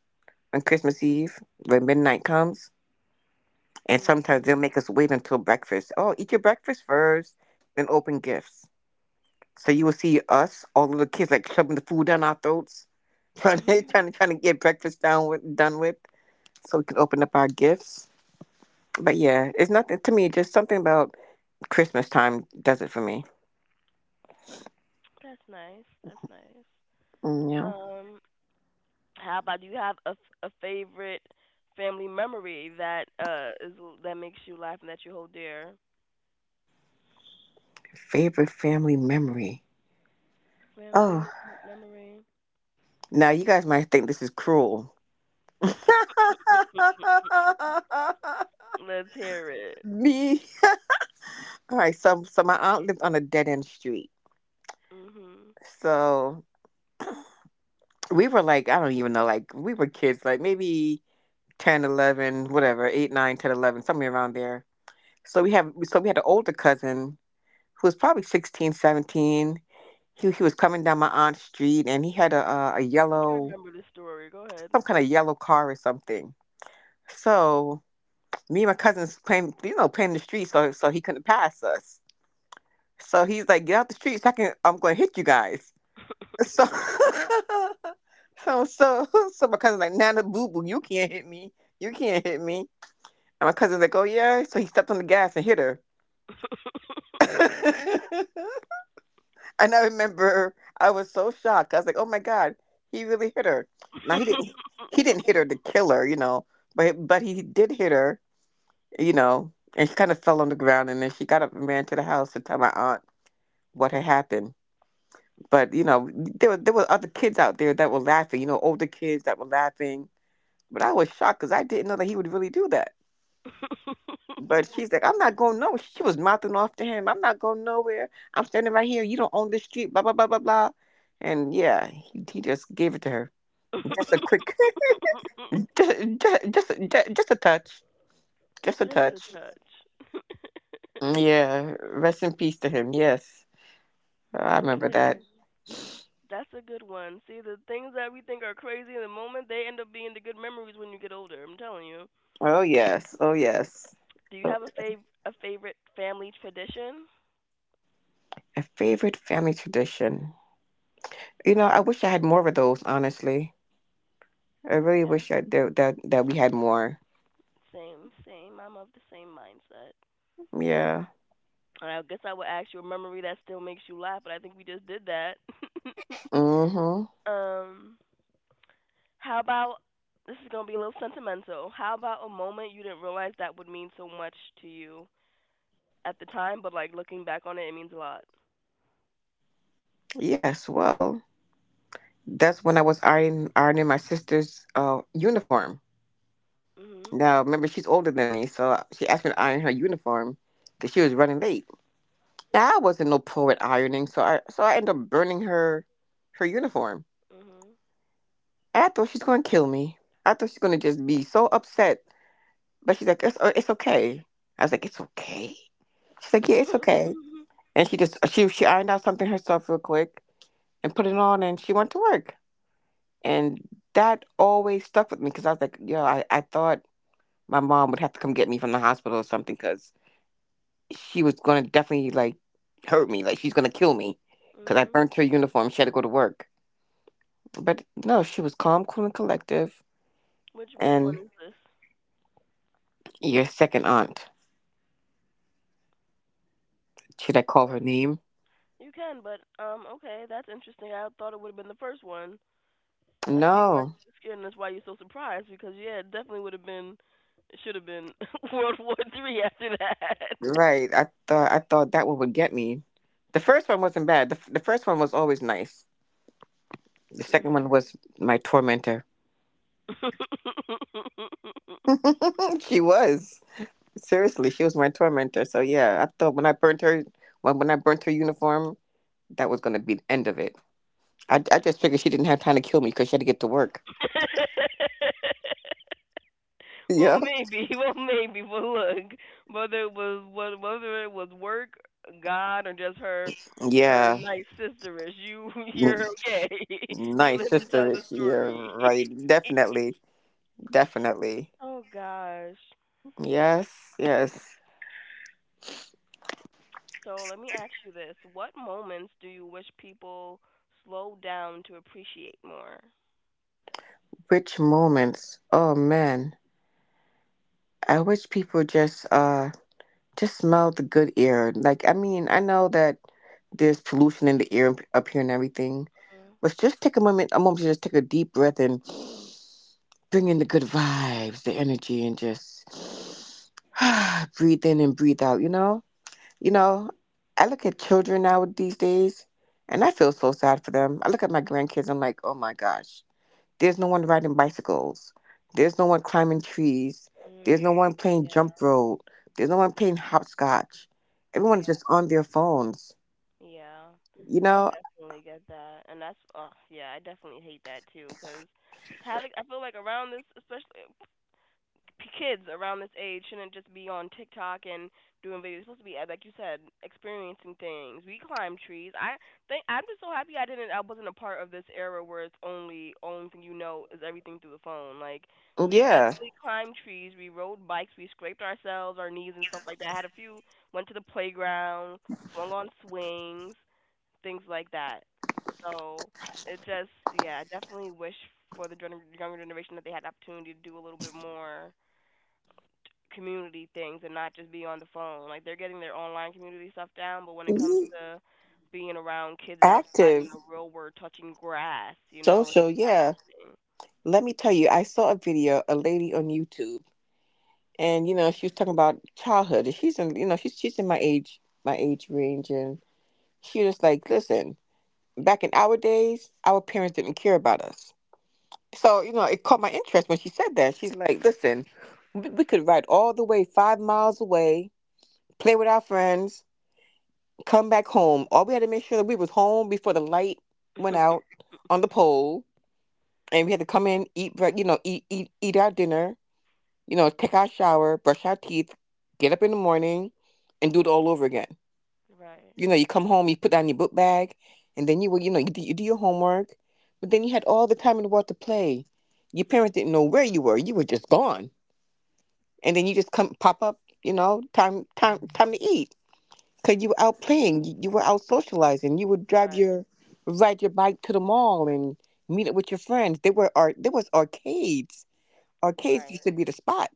B: on Christmas Eve when midnight comes, and sometimes they'll
A: Mhm.
B: make us wait until breakfast. Oh, eat your breakfast first, then open gifts. So you will see us, all the little kids, like shoving the food down our throats, trying to trying
A: Mhm.
B: to trying to get breakfast done with, so we can open up our gifts. But yeah, it's nothing to me. Just something about Christmas time does it for me.
A: That's nice. That's nice.
B: Mm. Yeah.
A: Um, how about do you have a, a favorite family memory that is that makes you laugh and that you hold dear?
B: Favorite family memory.
A: Family
B: Oh,
A: memory.
B: now you guys might think this is cruel.
A: Let's hear it.
B: Me. All right, so my aunt lived on a dead end street.
A: Mhm. I
B: So we were like, I don't even know, like we were kids, like maybe 10, 11 whatever, 8, 9, 10, 11 somewhere around there. So we have so we had an older cousin who was probably 16, 17. He was coming down my aunt's street and he had a
A: think I
B: yellow
A: remember the story. Go ahead.
B: some kind of yellow car or something. So me and my cousins playing the street, so he couldn't pass us. So he's like, "Get out the street, I'm going to hit you guys." So, so, so, my cousin's like, "Nana, boo boo, you can't hit me, you can't hit me." And my cousin's like, "Oh yeah," so he stepped on the gas and hit her. And I remember I was so shocked. I was like, "Oh my god, he really hit her." Now he didn't hit her to kill her, but he did hit her, and she kind of fell on the ground, and then she got up and ran to the house to tell my aunt what had happened. But you know, there were other kids out there that were laughing, older kids that were laughing. But I was shocked because I didn't know that he would really do that. But she's like, "I'm not going nowhere." She was mouthing off to him. "I'm not going nowhere. I'm standing right here. You don't own this street. Blah blah blah blah blah." And yeah, he just gave it to her. Just a quick, just, just just just a touch, just a
A: Just a
B: touch.
A: touch.
B: Mm, yeah. Rest in peace to him. Yes. Oh, I remember that.
A: Okay. That's a good one. See, the things that we think are crazy in the moment, they end up being the good memories when you get older. I'm telling you.
B: Oh yes, oh yes.
A: Do you
B: Oh,
A: have a a favorite family tradition?
B: a favorite family tradition. I wish I had more of those. Honestly, I really
A: Yeah.
B: wish I, that that that we had more.
A: Same, same. I'm of the same mindset.
B: Yeah.
A: And I guess I would ask you a memory that still makes you laugh, but I think we just did that.
B: Mm-hmm.
A: um, How about this is gonna be a little sentimental. How about a moment you didn't realize that would mean so much to you at the time, but like looking back on it, it means a lot.
B: Yes. Well, that's when I was ironing my sister's uniform.
A: Mhm.
B: Now, remember, she's older than me, so she asked me to iron her uniform because she was running late. Now, I wasn't no pro at ironing, so I ended up burning her uniform.
A: Mhm.
B: And I thought she's gonna kill me. I thought she's gonna just be so upset. But she's like, it's okay. I was like, it's okay. She's like, yeah, it's okay. And she just she ironed out something herself real quick and put it on, and she went to work. And that always stuck with me because I was like, yo, I thought my mom would have to come get me from the hospital or something because she was gonna definitely like hurt me, like she's gonna kill me because I
A: mhm.
B: burnt her uniform. She had to go to work, but no, she was calm, cool, and collective.
A: Which one
B: And
A: is this?
B: your second aunt. Should I call her
A: Oh,
B: name?
A: you can, but okay, that's interesting. I thought it would have been the first one. I see why
B: No,
A: you were scared, and that's why you're so surprised. Because yeah, it definitely would have been, it should have been World War Three after that.
B: right. I thought that one would get me. The first one wasn't bad. The first one was always nice. The second one was my tormentor.
A: mhm.
B: She was seriously, she was my tormentor. So yeah, I thought when I burnt her, when I burnt her uniform, that was gonna be the end of it. I just figured she didn't have time to kill me because she had to get to work.
A: well,
B: Yeah,
A: maybe. Well, maybe. But look, whether it was whether it was work, God, or just her her
B: yeah.
A: nice sisterish, you
B: Mm,
A: you're okay. you
B: nice
A: live to tell
B: sister.
A: the
B: Yeah,
A: story.
B: right. Definitely, definitely.
A: oh gosh.
B: Yes, yes.
A: So let me ask you this: what moments do you wish people slow down to appreciate more?
B: Rich moments. Oh man. I wish people just smell the good air. Like I mean, I know that there's pollution in the air up here and everything.
A: Mhm.
B: But just take a moment to just take a deep breath and bring in the good vibes, the energy, and just breathe in and breathe out, you know? You know, I look at children now these days, and I feel so sad for them. I look at my grandkids, I'm like, oh my gosh. There's no one riding bicycles. There's no one climbing trees. There's no
A: Mm.
B: one playing jump rope. There's no one playing hopscotch. Everyone's just
A: Yeah.
B: on their phones.
A: Yeah,
B: You
A: I
B: know?
A: definitely get that, and that's oh yeah, I definitely hate that too. Cause having, I feel like around this, especially kids around this age, shouldn't just be on TikTok and doing videos. It's supposed to be like you said, experiencing things. We climb trees. I think I'm just so happy I didn't. I wasn't a part of this era where it's only thing you know is everything through the phone. Like we
B: Yeah.
A: definitely climbed trees. We rode bikes. We scraped ourselves, our knees and stuff like that. Had a few. Went to the playground. Swung on swings things like that. So it just, yeah, I definitely wish for the younger generation that they had the opportunity to do a little bit more community things and not just be on the phone. Like they're getting their online community stuff down, but when it comes
B: Mhm.
A: to being around kids outside in
B: Active,
A: the real world, touching grass, you know, it's
B: social, yeah.
A: not
B: Let me tell you, I saw a video, a lady on YouTube, and you know, she was talking about childhood. And she's in my age range, and she was like, "Listen, back in our days, our parents didn't care about us." So, you know, it caught my interest when she said that. She's like, "Listen, we could ride all the way 5 miles away, play with our friends, come back home. All we had to make sure that we was home before the light went
A: happening.
B: out on the pole. And we had to come in, eat our dinner, you know, take our shower, brush our teeth, get up in the morning, and do it all over again.
A: right,
B: You know, you come home, you put down your book bag, and then you do your homework. But then you had all the time in the world to play. Your parents didn't know where you were. You were just gone, and then you just come pop up, you know, time to eat because you were out playing. You were out socializing. You would drive your ride your bike to the mall and meet up with your friends. There were art there was arcades. Arcades
A: right,
B: used to be the spot,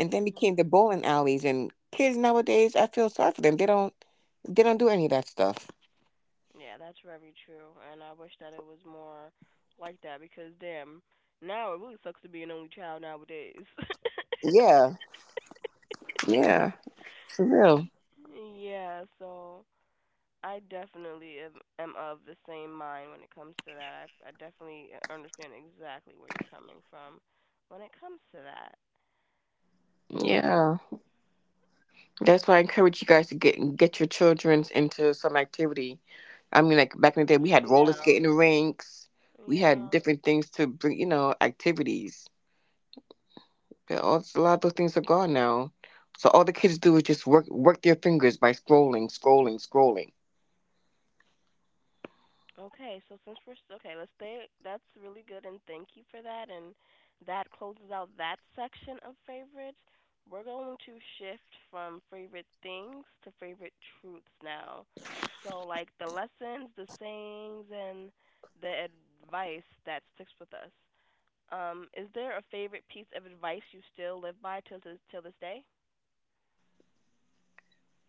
B: and then became the bowling alleys. And kids nowadays, I feel sorry for them. They don't do any of that stuff."
A: Yeah, that's very true, and I wish that it was more like that because damn, now it really sucks to be an only child nowadays.
B: Yeah, yeah, for real.
A: yeah, so I definitely am of the same mind when it comes to that. I definitely understand exactly where you're coming from when it comes to that. Whew,
B: Yeah, that's why I encourage you guys to get your childrens into some activity. I mean, like back in the day, we had
A: especially
B: roller
A: now.
B: skating rinks. We had
A: Yeah.
B: different things to bring, you know, activities. But a lot of those things are gone now. So all the kids do is just work their fingers by scrolling, scrolling, scrolling.
A: Okay, so since okay, let's stay. That's really good, and thank you for that. And that closes out that section of favorites. We're going to shift from favorite things to favorite truths now. So, like the lessons, the sayings, and the advice that sticks with us. Is there a favorite piece of advice you still live by till this day?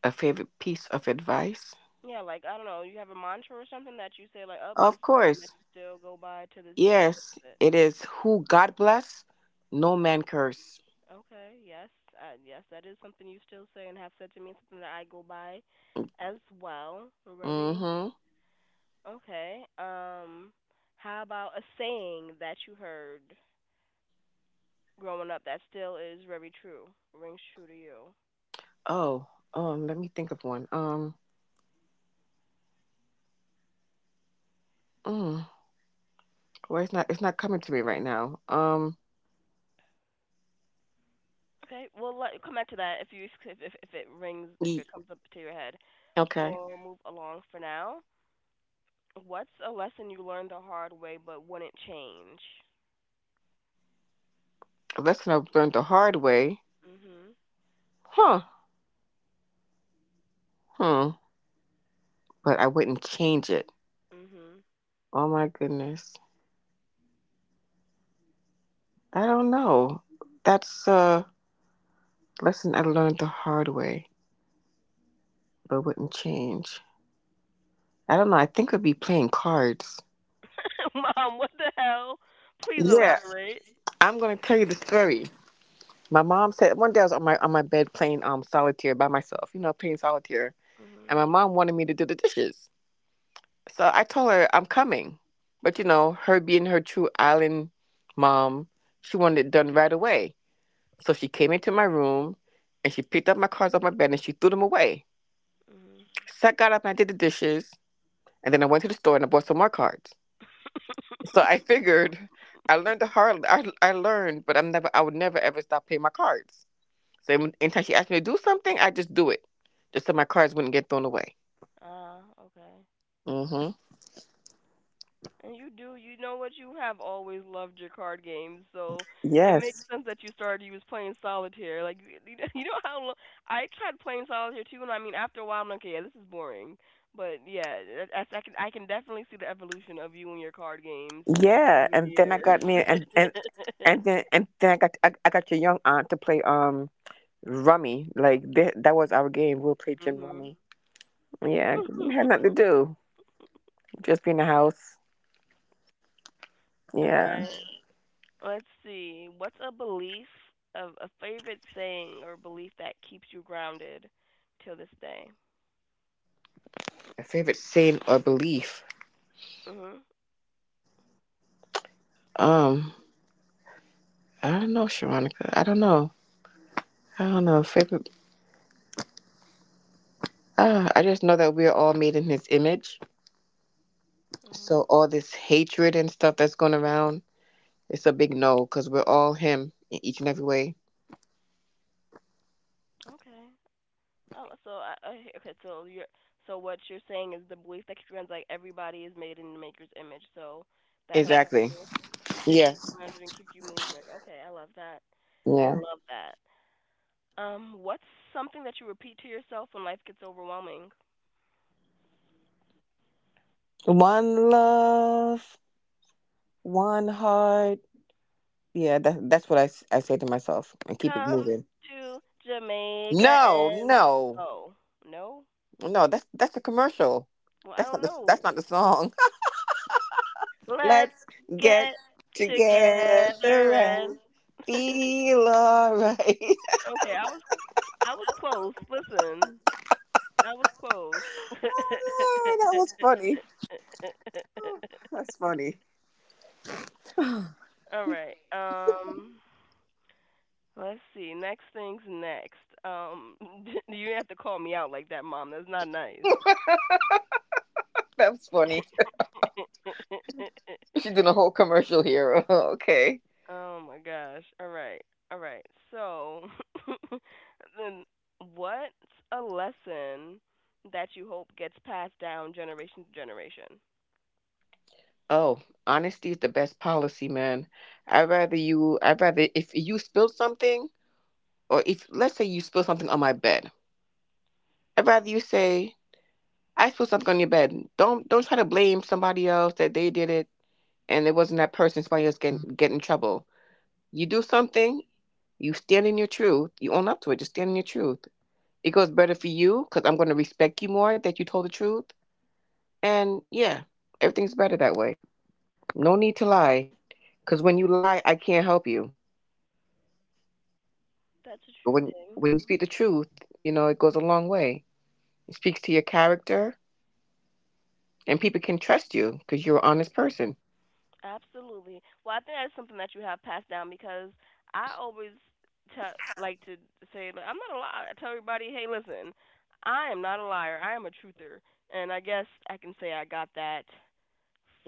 B: A favorite piece of advice?
A: Yeah, like I don't know, you have a mantra or something that you say like, "Oh, this
B: Of
A: is something
B: course,
A: that you still go by to this day." What
B: yes,
A: is
B: it is. Who God bless, no man curse.
A: Okay, yes, yes, that is something you still say and have said to me, something that I go by as well. Very
B: Mm-hmm.
A: okay. How about a saying that you heard growing up that still is very true, rings true to you?
B: Oh, Let me think of one. Mm, well, it's not coming to me right now.
A: Okay, we'll let, come back to that if if it rings if
B: Ye-
A: it comes up to your head.
B: okay.
A: We'll move along for now. What's a lesson you learned the hard way but wouldn't change?
B: A lesson I've learned the hard way.
A: Mhm.
B: Huh. Hmm. But I wouldn't change it.
A: Mhm.
B: Oh my goodness. I don't know. That's a lesson I learned the hard way but wouldn't change. I don't know. I think I'd be playing cards.
A: Mom, what the hell? Please
B: Yeah.
A: elaborate.
B: I'm gonna tell you the story. My mom said one day I was on my bed playing solitaire by myself, you know, playing solitaire. And
A: Mhm.
B: my mom wanted me to do the dishes. So I told her I'm coming. But you know, her being her true island mom, she wanted it done right away. So she came into my room and she picked up my cards off my bed and she threw them away.
A: Mhm.
B: So I got up and I did the dishes, and then I went to the store and I bought some more cards. So I figured I learned, but I would never ever stop playing my cards. So anytime she asked me to do something, I just do it. Just so my cards wouldn't get thrown away.
A: Ah, okay.
B: Hmm.
A: And you do, you know what? You have always loved your card games, so it makes
B: Yes.
A: sense that you started. You was playing solitaire, like you know you know how long I tried playing solitaire too, and I mean after a while I'm like, okay, yeah, this is boring. But yeah, that- I can definitely see the evolution of you and your card games
B: Yeah.
A: over the
B: And then I
A: years.
B: got me, and then I got your young aunt to play rummy. Like that was our game. We'll play gin
A: mhm.
B: rummy. Yeah, 'cause we had nothing to do. Just be in the house.
A: All
B: Yeah.
A: right. Let's see. What's a favorite saying or belief that keeps you grounded till this day?
B: My favorite saying or belief.
A: Mhm.
B: Um, I don't know, Sharonica. I don't know. I don't know. Favorite. I just know that we are all made in His image. So
A: Mhm.
B: all this hatred and stuff that's going around, it's a big no, because we're all Him in each and every way.
A: Okay. Oh, so I okay. So you're so what you're saying is the belief that keeps you grounded. Like everybody is made in the Maker's image, so that helps
B: Exactly.
A: you to keep
B: Yeah.
A: you grounded and keep you moving. Okay, I love that. I
B: Yeah.
A: love that. What's something that you repeat to yourself when life gets overwhelming?
B: One love, one heart. Yeah, that, that's what I say to myself and keep it
A: Come
B: moving.
A: to Jamaica
B: No,
A: and
B: no.
A: oh no,
B: No, that's a commercial.
A: well I
B: That's not
A: don't
B: the that's
A: know.
B: not the song.
A: Let's
B: Let's get
A: get
B: together
A: together
B: and
A: and
B: feel alright.
A: okay, I was close. Listen, I was close.
B: Oh, that was funny. That's funny.
A: All right. Let's see. Next thing's next. Um, you have to call me out like that, mom. That's not nice.
B: That was funny. She's doing a whole commercial here. Okay.
A: Oh my gosh. All right. All right. So, then what's a lesson that you hope gets passed down generation to generation?
B: Oh, honesty is the best policy, man. I'd rather you. I'd rather if you spill something, or if let's say you spill something on my bed, I'd rather you say I spilled something on your bed. Don't try to blame somebody else that they did it, and it wasn't that person, somebody else getting get in trouble. You do something, you stand in your truth, you own up to it, just stand in your truth. It goes better for you because I'm going to respect you more that you told the truth. And yeah, everything's better that way. No need to lie, because when you lie, I can't help you.
A: That's a
B: But
A: true
B: when,
A: thing.
B: when you speak the truth, you know, it goes a long way. It speaks to your character, and people can trust you because you're an honest person.
A: Absolutely. Well, I think that's something that you have passed down because I always tell, like to say, like, I'm not a liar. I tell everybody, hey, listen, I am not a liar. I am a truther. And I guess I can say I got that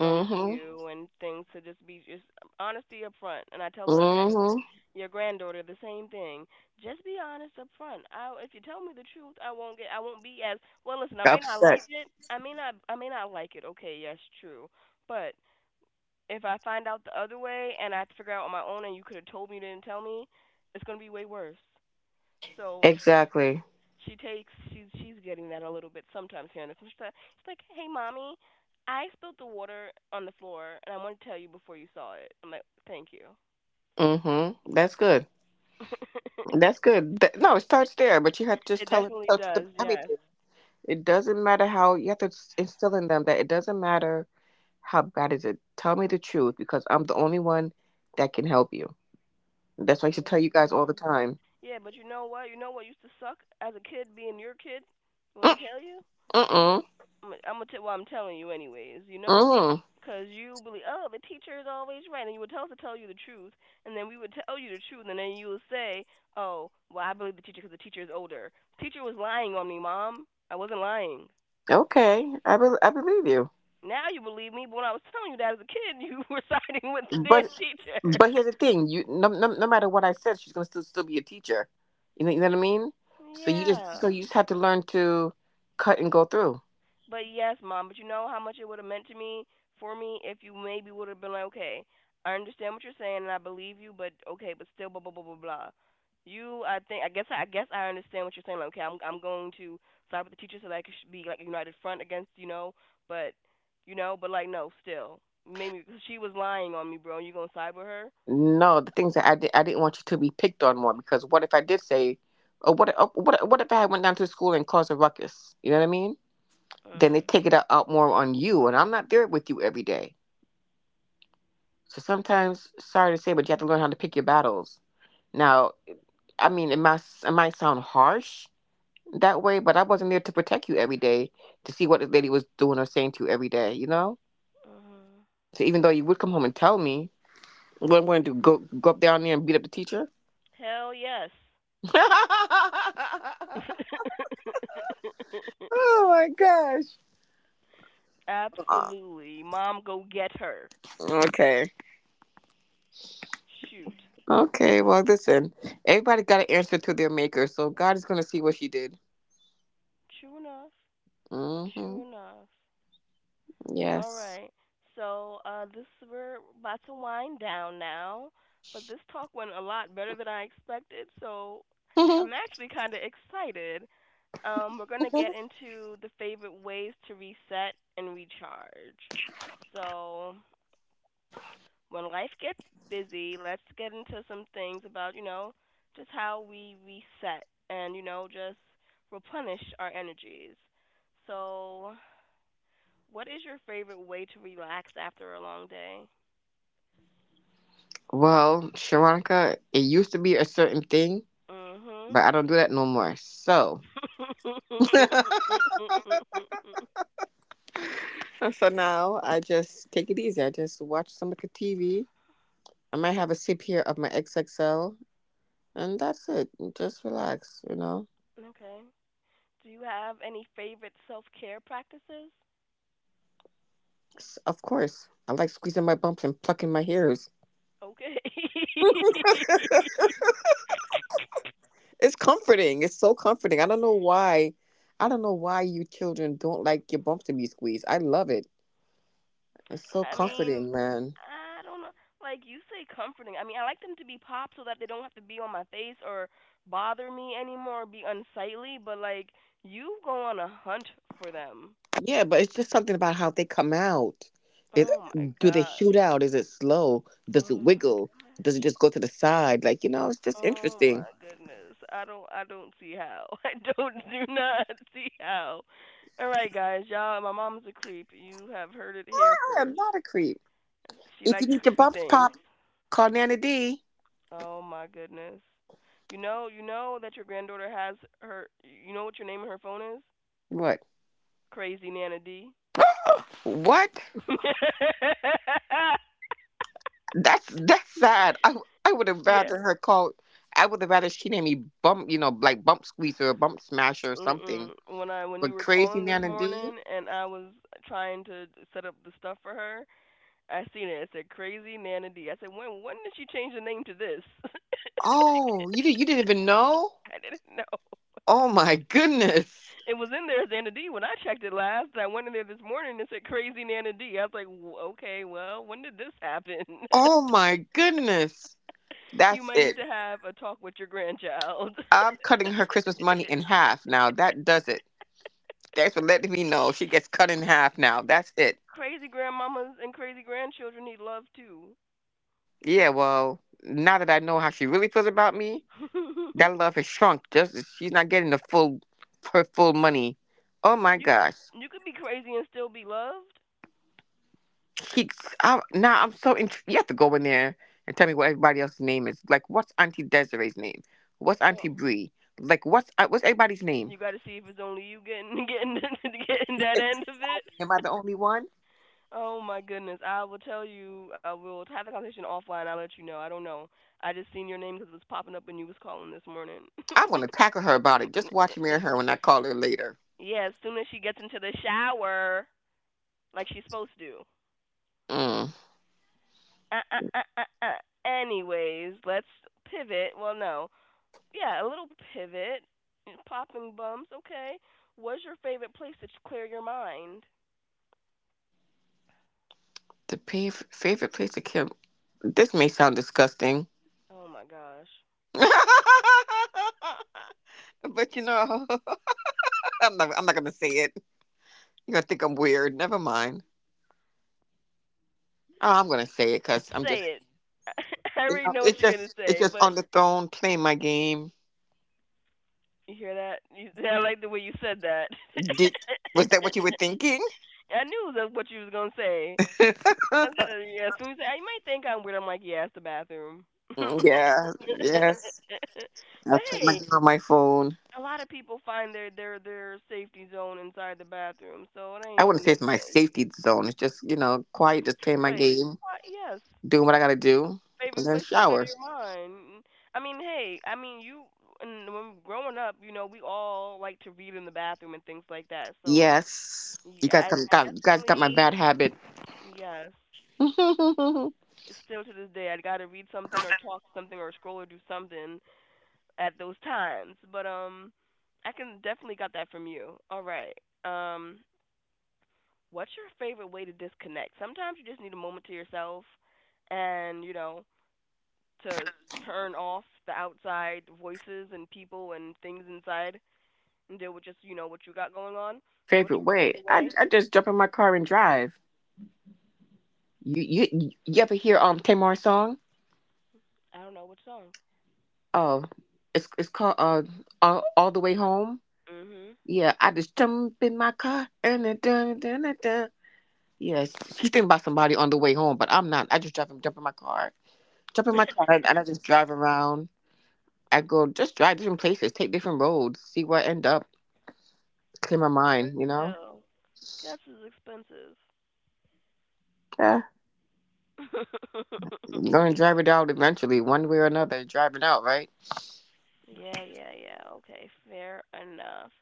A: from
B: hmm.
A: you and things to just be just honesty up front. And I tell her I try
B: Mm
A: to teach
B: hmm.
A: your granddaughter the same thing. Just be honest up front. I if you tell me the truth, I won't be as well listen, I may not like
B: Upset.
A: it. I may not like it. Okay, yes, true. But if I find out the other way and I have to figure out on my own and you could have told me you didn't tell me, it's gonna be way worse. So
B: Exactly.
A: she takes she's getting that a little bit sometimes here and there. She's like, "Hey, mommy, I spilled the water on the floor, and I want to tell you before you saw it." I'm like, "Thank you."
B: Mm hmm. That's good. That's good. No, it starts there, but you have to just
A: it
B: tell them
A: definitely
B: tell truth
A: does.
B: about
A: Yes.
B: everything. It doesn't matter how you have to instill in them that it doesn't matter how bad is it. Tell me the truth because I'm the only one that can help you. That's why I should tell
A: Yes,
B: you guys all the
A: ma'am.
B: time.
A: Yeah, but you know what? You know what used to suck as a kid being your kid. You
B: Mm
A: want to tell you?
B: mm
A: I'm gonna tell well, I'm telling you anyways, you know?
B: mm.
A: 'Cause you believe, oh, the teacher is always right, and you would tell us to tell you the truth, and then we would tell you the truth, and then you would say, oh, well, I believe the teacher because the teacher is older. The teacher was lying on me, mom. I wasn't lying.
B: Okay, I believe you.
A: Now you believe me, but when I was telling you that as a kid, you were siding with the damn
B: But
A: teacher.
B: but here's the thing: you no, no no matter what I said, she's gonna still be a teacher. You know what I mean? So you just
A: yeah.
B: so you just have to learn to cut and go through.
A: But yes, mom, but you know how much it would have meant to me for me if you maybe would have been like, okay, I understand what you're saying and I believe you, but okay, but still blah blah blah blah blah. You, I think, I guess I understand what you're saying. Like, okay, I'm going to side with the teacher so that I could be like a united front against, but, you know, but like, no, still, maybe she was lying on me, bro. You gonna side with her?
B: No, the things that I did, I didn't want you to be picked on more because what if I did say, what if I went down to school and caused a ruckus? You know what I mean? Then they
A: Uh,
B: take it out more on you, and I'm not there with you every day. So sometimes, sorry to say, but you have to learn how to pick your battles. Now, I mean, it might sound harsh that way, but I wasn't there to protect you every day to see what this lady was doing or saying to you every day. You know?
A: uh,
B: So even though you would come home and tell me, what I'm going to do, go up down there and beat up the teacher?
A: hell yes.
B: Oh my gosh. Uh,
A: Absolutely, mom, go get her.
B: Okay.
A: Shoot.
B: Okay. Well, listen. Everybody got an answer to their maker, so God is going to see what she did.
A: True enough.
B: Hmm.
A: True enough. All
B: Yes.
A: right. So this we're about to wind down now, but this talk went a lot better than I expected. So
B: Well,
A: I'm actually kind of excited. We're gonna get into the favorite ways to reset and recharge. So when life gets busy, let's get into some things about, you know, just how we reset and, you know, just replenish our energies. So, what is your favorite way to relax after a long day?
B: Sharonica, it used to be a certain thing,
A: Mhm.
B: but I don't do that no more. So, so now I just take it easy. I just watch some of the TV. I might have a sip here of my XXL, and that's it. Just relax, you know.
A: okay. Do you have any favorite self-care practices?
B: Of course, I like squeezing my bumps and plucking my hairs.
A: Okay.
B: It's comforting. It's so comforting. I don't know why. I don't know why you children don't like your bumps to be squeezed. I love it. It's so
A: I mean,
B: comforting, man.
A: I don't know. Like you say, comforting. I mean, I like them to be pop so that they don't have to be on my face or bother me anymore or be unsightly. But like, you go on a hunt for them.
B: Yeah, but it's just something about how they come out. It,
A: Oh my
B: do they shoot
A: gosh.
B: out? Is it slow? Does it
A: Oh my
B: wiggle? Does it
A: gosh.
B: just go to the side? Like, you know, it's just
A: Oh
B: interesting.
A: my goodness. I don't. I don't see how. I don't. Do not see how. All right, guys. Y'all. My mom's a creep. You have heard it here
B: I am
A: first.
B: not a creep.
A: She
B: If you
A: likes
B: need your
A: creepy
B: bumps
A: things.
B: pop, call Nana D.
A: Oh my goodness. You know that your granddaughter has her. You know what your name on her phone is?
B: What?
A: Crazy Nana D.
B: What? That's sad. I would have
A: yeah.
B: rather her call. I would have rather she named me bump, you know, like bump squeezer or bump smasher or something.
A: Mm-mm. When you
B: But
A: were
B: crazy
A: calling this
B: Nana D.
A: morning and I was trying to set up the stuff for her, I seen it. It said Crazy Nana D. I said, when did she change the name to this?
B: Oh, you didn't even know?
A: I didn't know.
B: Oh my goodness.
A: It was in there as Nana D when I checked it last. I went in there this morning and it said Crazy Nana D. I was like, Okay, well, when did this happen?"
B: Oh my goodness.
A: You
B: That's
A: might need to
B: it.
A: have a talk with your grandchild.
B: I'm cutting her Christmas money in half now. That does it. Thanks for letting me know. She gets cut in half now. That's it.
A: Crazy grandmamas and crazy grandchildren need love too.
B: Yeah, well, now that I know how she really feels about me,
A: you
B: that love has shrunk. Just she's not getting the full her full money. Oh my
A: could
B: gosh.
A: you could be crazy and still be loved.
B: She, I, now I'm so intrigued. You have to go in there and tell me what everybody else's name is. Like, what's Auntie Desiree's name? What's
A: But
B: Auntie Bree? Like, what's everybody's
A: you
B: name?
A: got to see if it's only you getting getting getting that end of it.
B: Am I the only one?
A: Oh my goodness! I will tell you. I will have the conversation offline. I'll let you know. I don't know. I just seen your name because it was popping up when you was calling this morning.
B: I want to tackle her about it. Just watch me and her when I call her later.
A: Yeah, as soon as she gets into the shower, like she's supposed to.
B: Mm.
A: uh, uh, uh, uh, uh. Anyways, let's pivot. Well, no. Yeah, a little pivot. Popping bumps, okay. What's your favorite place to clear your mind?
B: Favorite place to kill. This may sound disgusting,
A: Oh my gosh.
B: but you know, I'm not. I'm not gonna say it. You're gonna think I'm weird. Never mind. Oh, I'm gonna say it because I'm just,
A: Say it. I
B: you
A: already
B: know,
A: know what
B: it's
A: you're going
B: just,
A: to
B: it's
A: say,
B: just
A: but
B: on the throne playing my game.
A: you hear that? You, I like the way you said that.
B: Did was that what you were thinking?
A: I knew that's what you was going to say. I said, yeah, as soon as you say, you might think I'm weird. I'm like, yeah, it's the bathroom. But
B: Yeah. Yes. I play my
A: hey,
B: game on my phone.
A: a lot of people find their safety zone inside the bathroom, so it
B: I
A: ain't
B: wouldn't
A: even
B: say
A: no
B: it's my
A: thing.
B: safety zone. It's just, you know, quiet, just
A: Good
B: playing my
A: place,
B: game,
A: quiet, yes.
B: doing what I gotta do, and
A: Favorite
B: then
A: place to clear
B: shower.
A: your mind. I mean, hey, I mean you. And when growing up, you know, we all like to read in the bathroom and things like that. So
B: Yes. You
A: yeah,
B: guys
A: I, I
B: got you guys got my
A: definitely
B: bad habit.
A: yes. Still to this day, I got to read something or talk something or scroll or do something at those times. But I can definitely got that from you. All right. Um, what's your favorite way to disconnect? Sometimes you just need a moment to yourself and, you know, to turn off the outside voices and people and things inside and deal with just, you know, what you got going on. So what's
B: Favorite
A: your
B: way.
A: favorite
B: I
A: way?
B: I just jump in my car and drive. You ever hear Tamar's song?
A: I don't know, what song?
B: Oh, it's called all the way home.
A: Mhm.
B: Yeah, I just jump in my car and then dun, dun, dun, dun. Yes, she's thinking about somebody on the way home, but I'm not. I just drive and jump in my car, jump in my car, and I just drive around. I go just drive different places, take different roads, see where I end up, clear my mind. You know?
A: Oh, gas is expensive.
B: Yeah, you're gonna drive it out eventually, one way or another. Driving out, right?
A: Yeah, yeah, yeah. Okay, fair enough.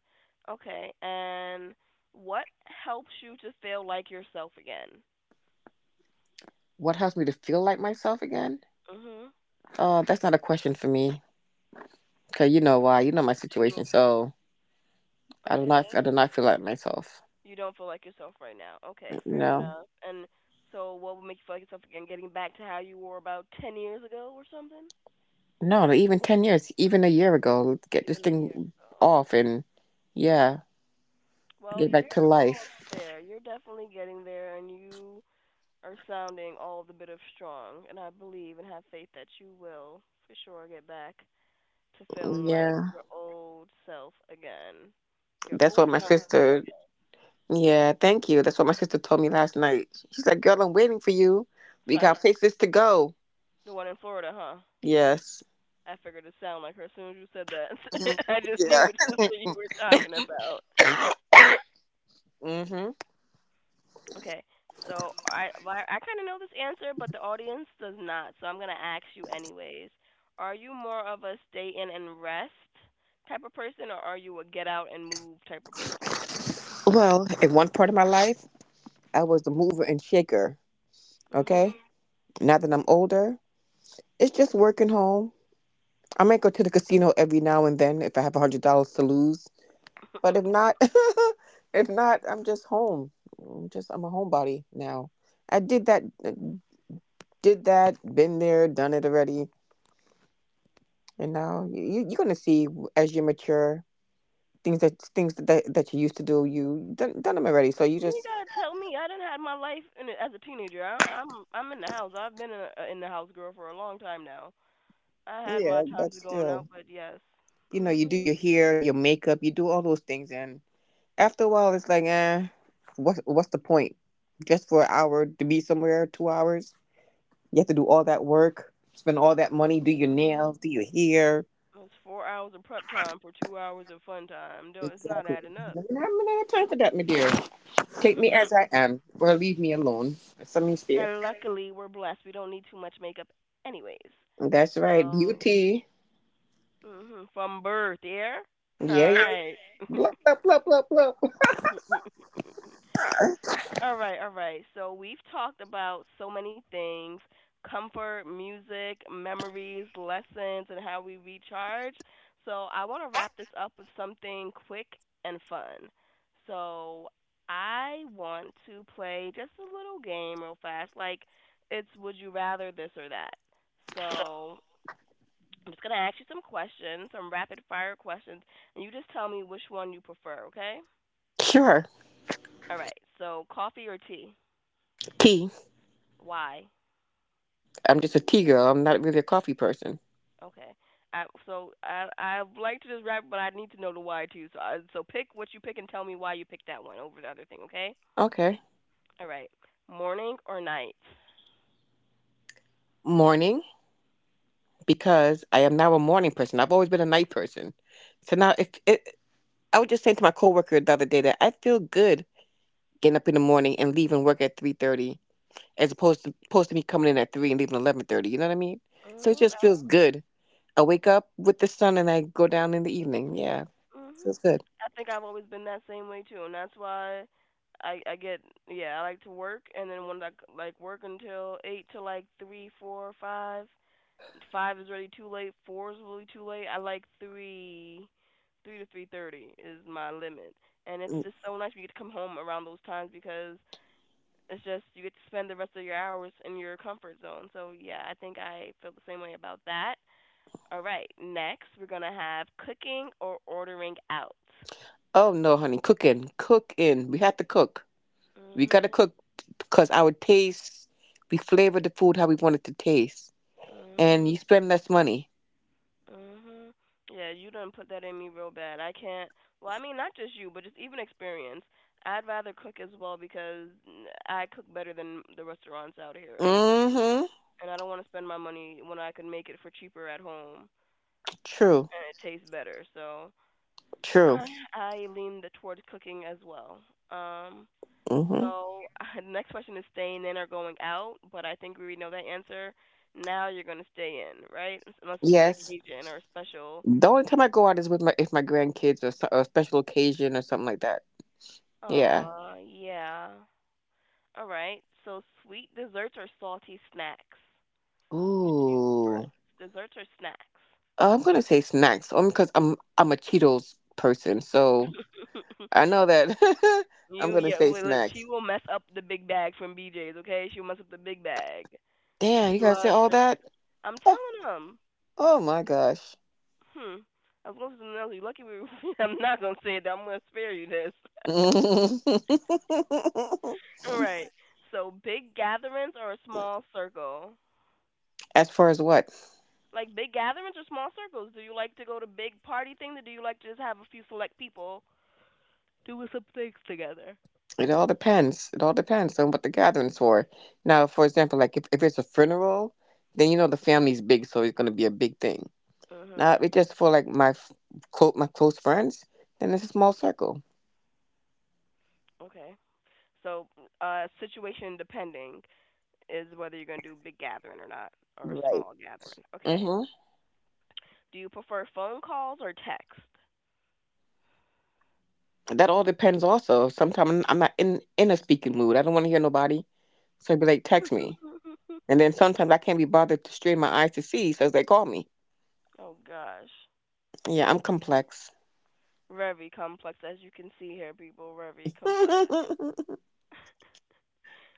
A: Okay, and what helps you to feel like yourself again?
B: What helps me to feel like myself again?
A: Mhm.
B: That's not a question for me, cause you know why. You know my
A: Do
B: situation,
A: you,
B: so. I
A: okay.
B: do not feel like myself.
A: You don't feel like yourself right now. Okay, fair
B: No.
A: enough. And so, what would make you feel like yourself again? Getting back to how you were about 10 years ago or something?
B: No, even 10 years, even a year ago, let's get this
A: Even a year
B: thing
A: ago.
B: off and yeah,
A: Well,
B: get back to
A: you're almost
B: life.
A: there. You're definitely getting there, and you are sounding all the bit of strong. And I believe and have faith that you will for sure get back to feeling like
B: Yeah.
A: your old self again. Your
B: That's
A: old
B: what my
A: young self
B: sister
A: again.
B: Yeah, thank you. That's what my sister told me last night. She's like, Girl, I'm waiting for you. We
A: So,
B: got places to go.
A: the one in Florida, huh?
B: Yes.
A: I figured it sounded like her as soon as you said that.
B: Mhm.
A: I just knew which sister you were talking about.
B: Yeah. Hmm.
A: Okay, so I well, I kind of know this answer, but the audience does not. So I'm gonna ask you anyways. Are you more of a stay in and rest type of person, or are you a get out and move type of person?
B: Well, in one part of my life, I was the mover and shaker. Okay.
A: Mhm.
B: Now that I'm older, it's just working home. I might go to the casino every now and then if I have $100 to lose. But if not, if not, I'm just home. I'm a homebody now. I did that, been there, done it already, and now you're gonna see as you mature things that that you used to do you done them already. So you
A: You ain't
B: just
A: gotta tell me. I done had my life in as a teenager. I'm in the house. I've been in the house girl for a long time now. I had
B: yeah,
A: my
B: but
A: times of going out,
B: still,
A: but yes.
B: you know, you do
A: Mhm.
B: your hair, your makeup, you do all those things, and after a while, it's like, eh, what's the point? Just for an hour to be somewhere, 2 hours. You have to do all that work, spend all that money, do your
A: Mhm.
B: nails, do your hair.
A: It's 4 hours of prep time for 2 hours of fun time. Don't, it's not
B: Exactly.
A: adding up.
B: I'm not gonna have time for that, my dear. Take me as I am, or leave me alone. That's what means there.
A: And luckily, we're blessed. We don't need too much makeup, anyways.
B: That's right.
A: So,
B: Beauty.
A: from birth, yeah? All
B: Yeah, yeah.
A: right.
B: Blah, blah, blah, blah, blah.
A: All right, all right. So we've talked about so many things: comfort, music, memories, lessons, and how we recharge. So I want to wrap this up with something quick and fun. So I want to play just a little game real fast. Like, it's would you rather this or that? So I'm just going to ask you some questions, some rapid fire questions, and you just tell me which one you prefer, okay?
B: Sure.
A: All right. So coffee or tea?
B: Tea.
A: Why?
B: I'm just a tea girl. I'm not really a coffee person.
A: Okay. So I'd like to just wrap, but I need to know the why too. So pick what you pick and tell me why you picked that one over the other thing. Okay.
B: Okay.
A: All right. Morning or night?
B: Morning,
A: Be-
B: because I am now a morning person. I've always been a night person. So now, if it, I was just saying to my coworker the other day that I feel good getting up in the morning and leaving work at 3:30, as opposed to me coming in at 3 and leaving 11:30. You know what I mean? So it just
A: mhm.
B: feels good. I wake up with the sun and I go down in the evening. Yeah,
A: Mhm.
B: feels good.
A: I think I've always been that same way too, and that's why I get, yeah, I like to work, and then when like work until eight to like three, four, five. Five is already too late. Four is really too late. I like three. 3 to 3:30 is my limit, and it's
B: Mm.
A: just so nice when you get to come home around those times because it's just you get to spend the rest of your hours in your comfort zone. So yeah, I think I feel the same way about that. All right, next we're gonna have cooking or ordering out.
B: Oh no, honey, cooking, cooking. We had to cook. We gotta
A: Mhm.
B: cook because our taste. We flavor the food how we want it to taste, and
A: Mhm.
B: you spend less money.
A: Mhm. Yeah, you done put that in me real bad. I can't. Well, I mean, not just you, but just even experience. I'd rather cook as well because I cook better than the restaurants out here, anyways.
B: Mm-hmm.
A: And I don't want to spend my money when I can make it for cheaper at home
B: True.
A: and it tastes better. So
B: True.
A: I I lean towards cooking as well. Um.
B: Mm-hmm.
A: So the next question is staying in or going out, but I think we already know that answer. Now you're gonna stay in, right? Unless it's an
B: Yes.
A: occasion or a special.
B: The only time I go out is with my if my grandkids or, or a special occasion or something like that. Yeah.
A: Yeah. All right. So sweet desserts or salty snacks? Which do you prefer?
B: Ooh.
A: Desserts or snacks?
B: I'm gonna say snacks, only because I'm a Cheetos person, so I know that. I'm
A: you
B: gonna
A: yeah,
B: say
A: well, she
B: snacks.
A: will mess up the big bag from BJ's, okay? She'll mess up the big bag. She
B: Damn, you gotta say
A: loves
B: all
A: her
B: that?
A: Cheeto. I'm
B: Oh,
A: telling them.
B: oh my gosh.
A: Hmm. I was going to say something else. You're lucky we I'm not going to say it. I'm going to spare you this. All right. So big gatherings or a small circle?
B: As far as what?
A: Like big gatherings or small circles? Do you like to go to big party things or do you like to just have a few select people doing some things together?
B: It all depends. It all depends on what the gathering's for. Now, for example, if it's a funeral, then you know the family's big, so it's gonna be a big thing. Now,
A: Mhm.
B: if it's just for like my quote my close friends, then it's a small circle.
A: Okay. So, situation depending is whether you're going to do big gathering or not or a
B: Right.
A: small gathering. Okay.
B: Hmm.
A: Do you prefer phone calls or text?
B: That all depends also. Sometimes I'm not in a speaking mood. I don't want to hear nobody. So I be like, text me. And then sometimes I can't be bothered to strain my eyes to see, so they call me.
A: Oh gosh.
B: Yeah, I'm complex.
A: Very complex as you can see here, people. Very complex.
B: It's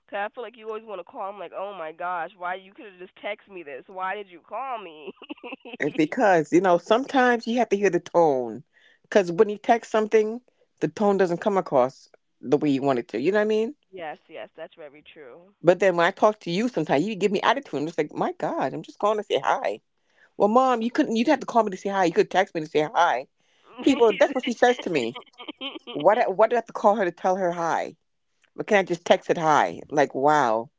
A: 'Cause I feel like you always want to call. I'm like, oh my gosh, why you could have just text me this? Why did you call me?
B: because, you know, sometimes you have to hear the tone. Because when you text something, the tone doesn't come across the way you want it to. You know what I mean?
A: Yes, yes, that's very true.
B: But then when I talk to you sometimes, you give me attitude. I'm just like, my God, I'm just calling to say hi. Well, mom, you couldn't, you'd have to call me to say hi. You could text me to say hi. People, that's what she says to me. What do I have to call her to tell her hi? But can I just text it hi? Like wow,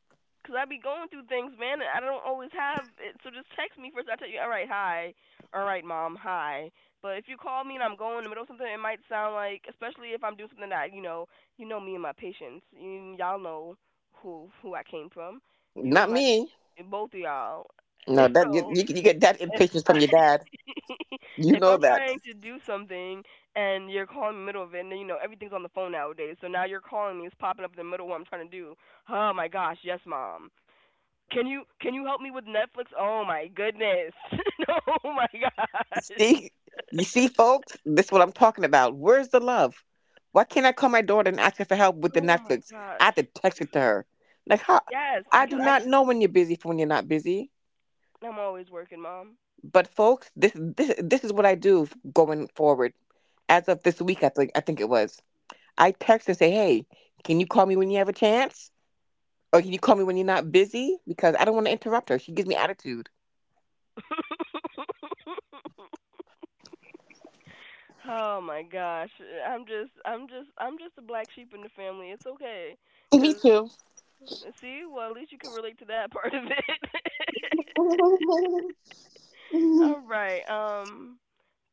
A: 'Cause I be going through things, man, and I don't always have it. So just text me first. I tell you, all right, hi, all right, mom, hi. But if you call me and I'm going in the middle of something, it might sound like, especially if I'm doing something that you know me and my patients, y'all know who I came from, you and
B: not
A: my
B: me.
A: both of y'all.
B: No, that you,
A: So
B: you get that
A: if
B: impatience from
A: I
B: your dad. You
A: if
B: know
A: I'm
B: that.
A: trying to do something and you're calling me in the middle of it, and then you know everything's on the phone nowadays, so now you're calling me, it's popping up in the middle of what I'm trying to do. Oh my gosh, yes, mom. Can you help me with Netflix? Oh my goodness. Oh my gosh.
B: See, you see, folks, this is what I'm talking about. Where's the love? Why can't I call my daughter and ask her for help with the
A: Oh my
B: Netflix? I
A: gosh.
B: have to text it to her. Like how?
A: Yes,
B: I
A: because
B: do
A: I
B: not know when you're busy from when you're not busy.
A: I'm always working, mom.
B: But folks, this is what I do going forward. As of this week, I think it was. I text and say, hey, can you call me when you have a chance? Or can you call me when you're not busy? Because I don't want to interrupt her. She gives me attitude.
A: Oh my gosh. I'm just a black sheep in the family. It's okay,
B: Me
A: 'cause
B: too.
A: see, well, at least you can relate to that part of it.
B: I
A: All right.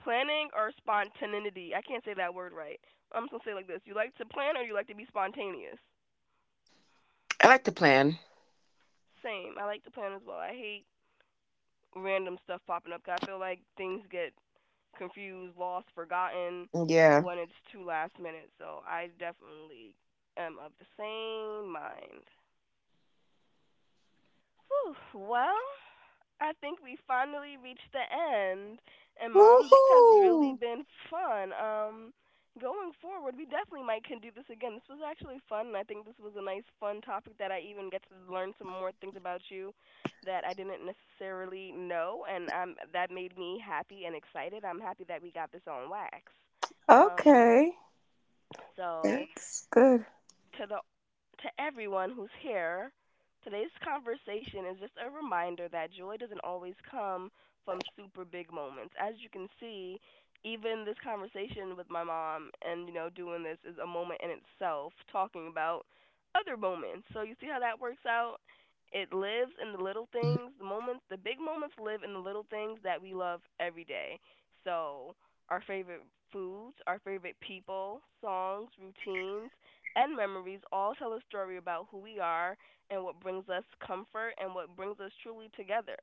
A: Planning or spontaneity. I can't say that word right. I'm just gonna say it like this: you like to plan or you like to be spontaneous?
B: like to plan.
A: Same. I like to plan as well. I hate random stuff popping up. 'Cause I feel like things get confused, lost, forgotten
B: Yeah.
A: when it's too last minute. So I definitely am of the same mind. Whew, well, I think we finally reached the end. And mom, this has really
B: Woohoo!
A: been fun. Going forward, we definitely might can do this again. This was actually fun, and I think this was a nice, fun topic that I even get to learn some more things about you that I didn't necessarily know, and that made me happy and excited. I'm happy that we got this on wax. Um,
B: Okay.
A: so
B: That's good.
A: to the to everyone who's here. Today's conversation is just a reminder that joy doesn't always come from super big moments. As you can see, even this conversation with my mom and doing this is a moment in itself talking about other moments. So you see how that works out? It lives in the little things, the moments, the big moments live in the little things that we love every day. So, our favorite foods, our favorite people, songs, routines, and memories all tell a story about who we are and what brings us comfort and what brings us truly together.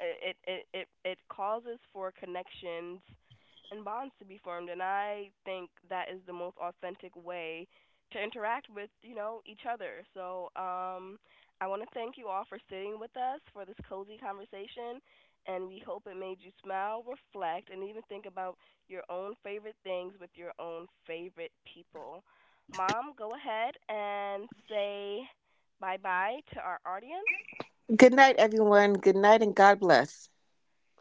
A: It causes for connections and bonds to be formed, and I think that is the most authentic way to interact with each other. So I want to thank you all for sitting with us for this cozy conversation, and we hope it made you smile, reflect, and even think about your own favorite things with your own favorite people. Mom, go ahead and say bye bye to our audience.
B: Good night, everyone. Good night and God bless.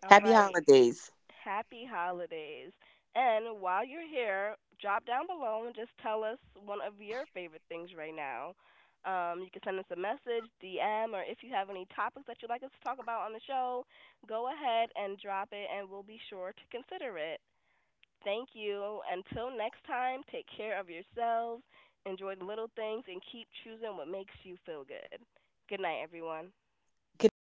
A: All
B: Happy
A: right.
B: holidays.
A: Happy holidays. And while you're here, drop down below and just tell us one of your favorite things right now. You can send us a message, DM, or if you have any topics that you'd like us to talk about on the show, go ahead and drop it and we'll be sure to consider it. Thank you. Until next time, take care of yourselves, enjoy the little things, and keep choosing what makes you feel good. Good night, everyone.
B: Good night.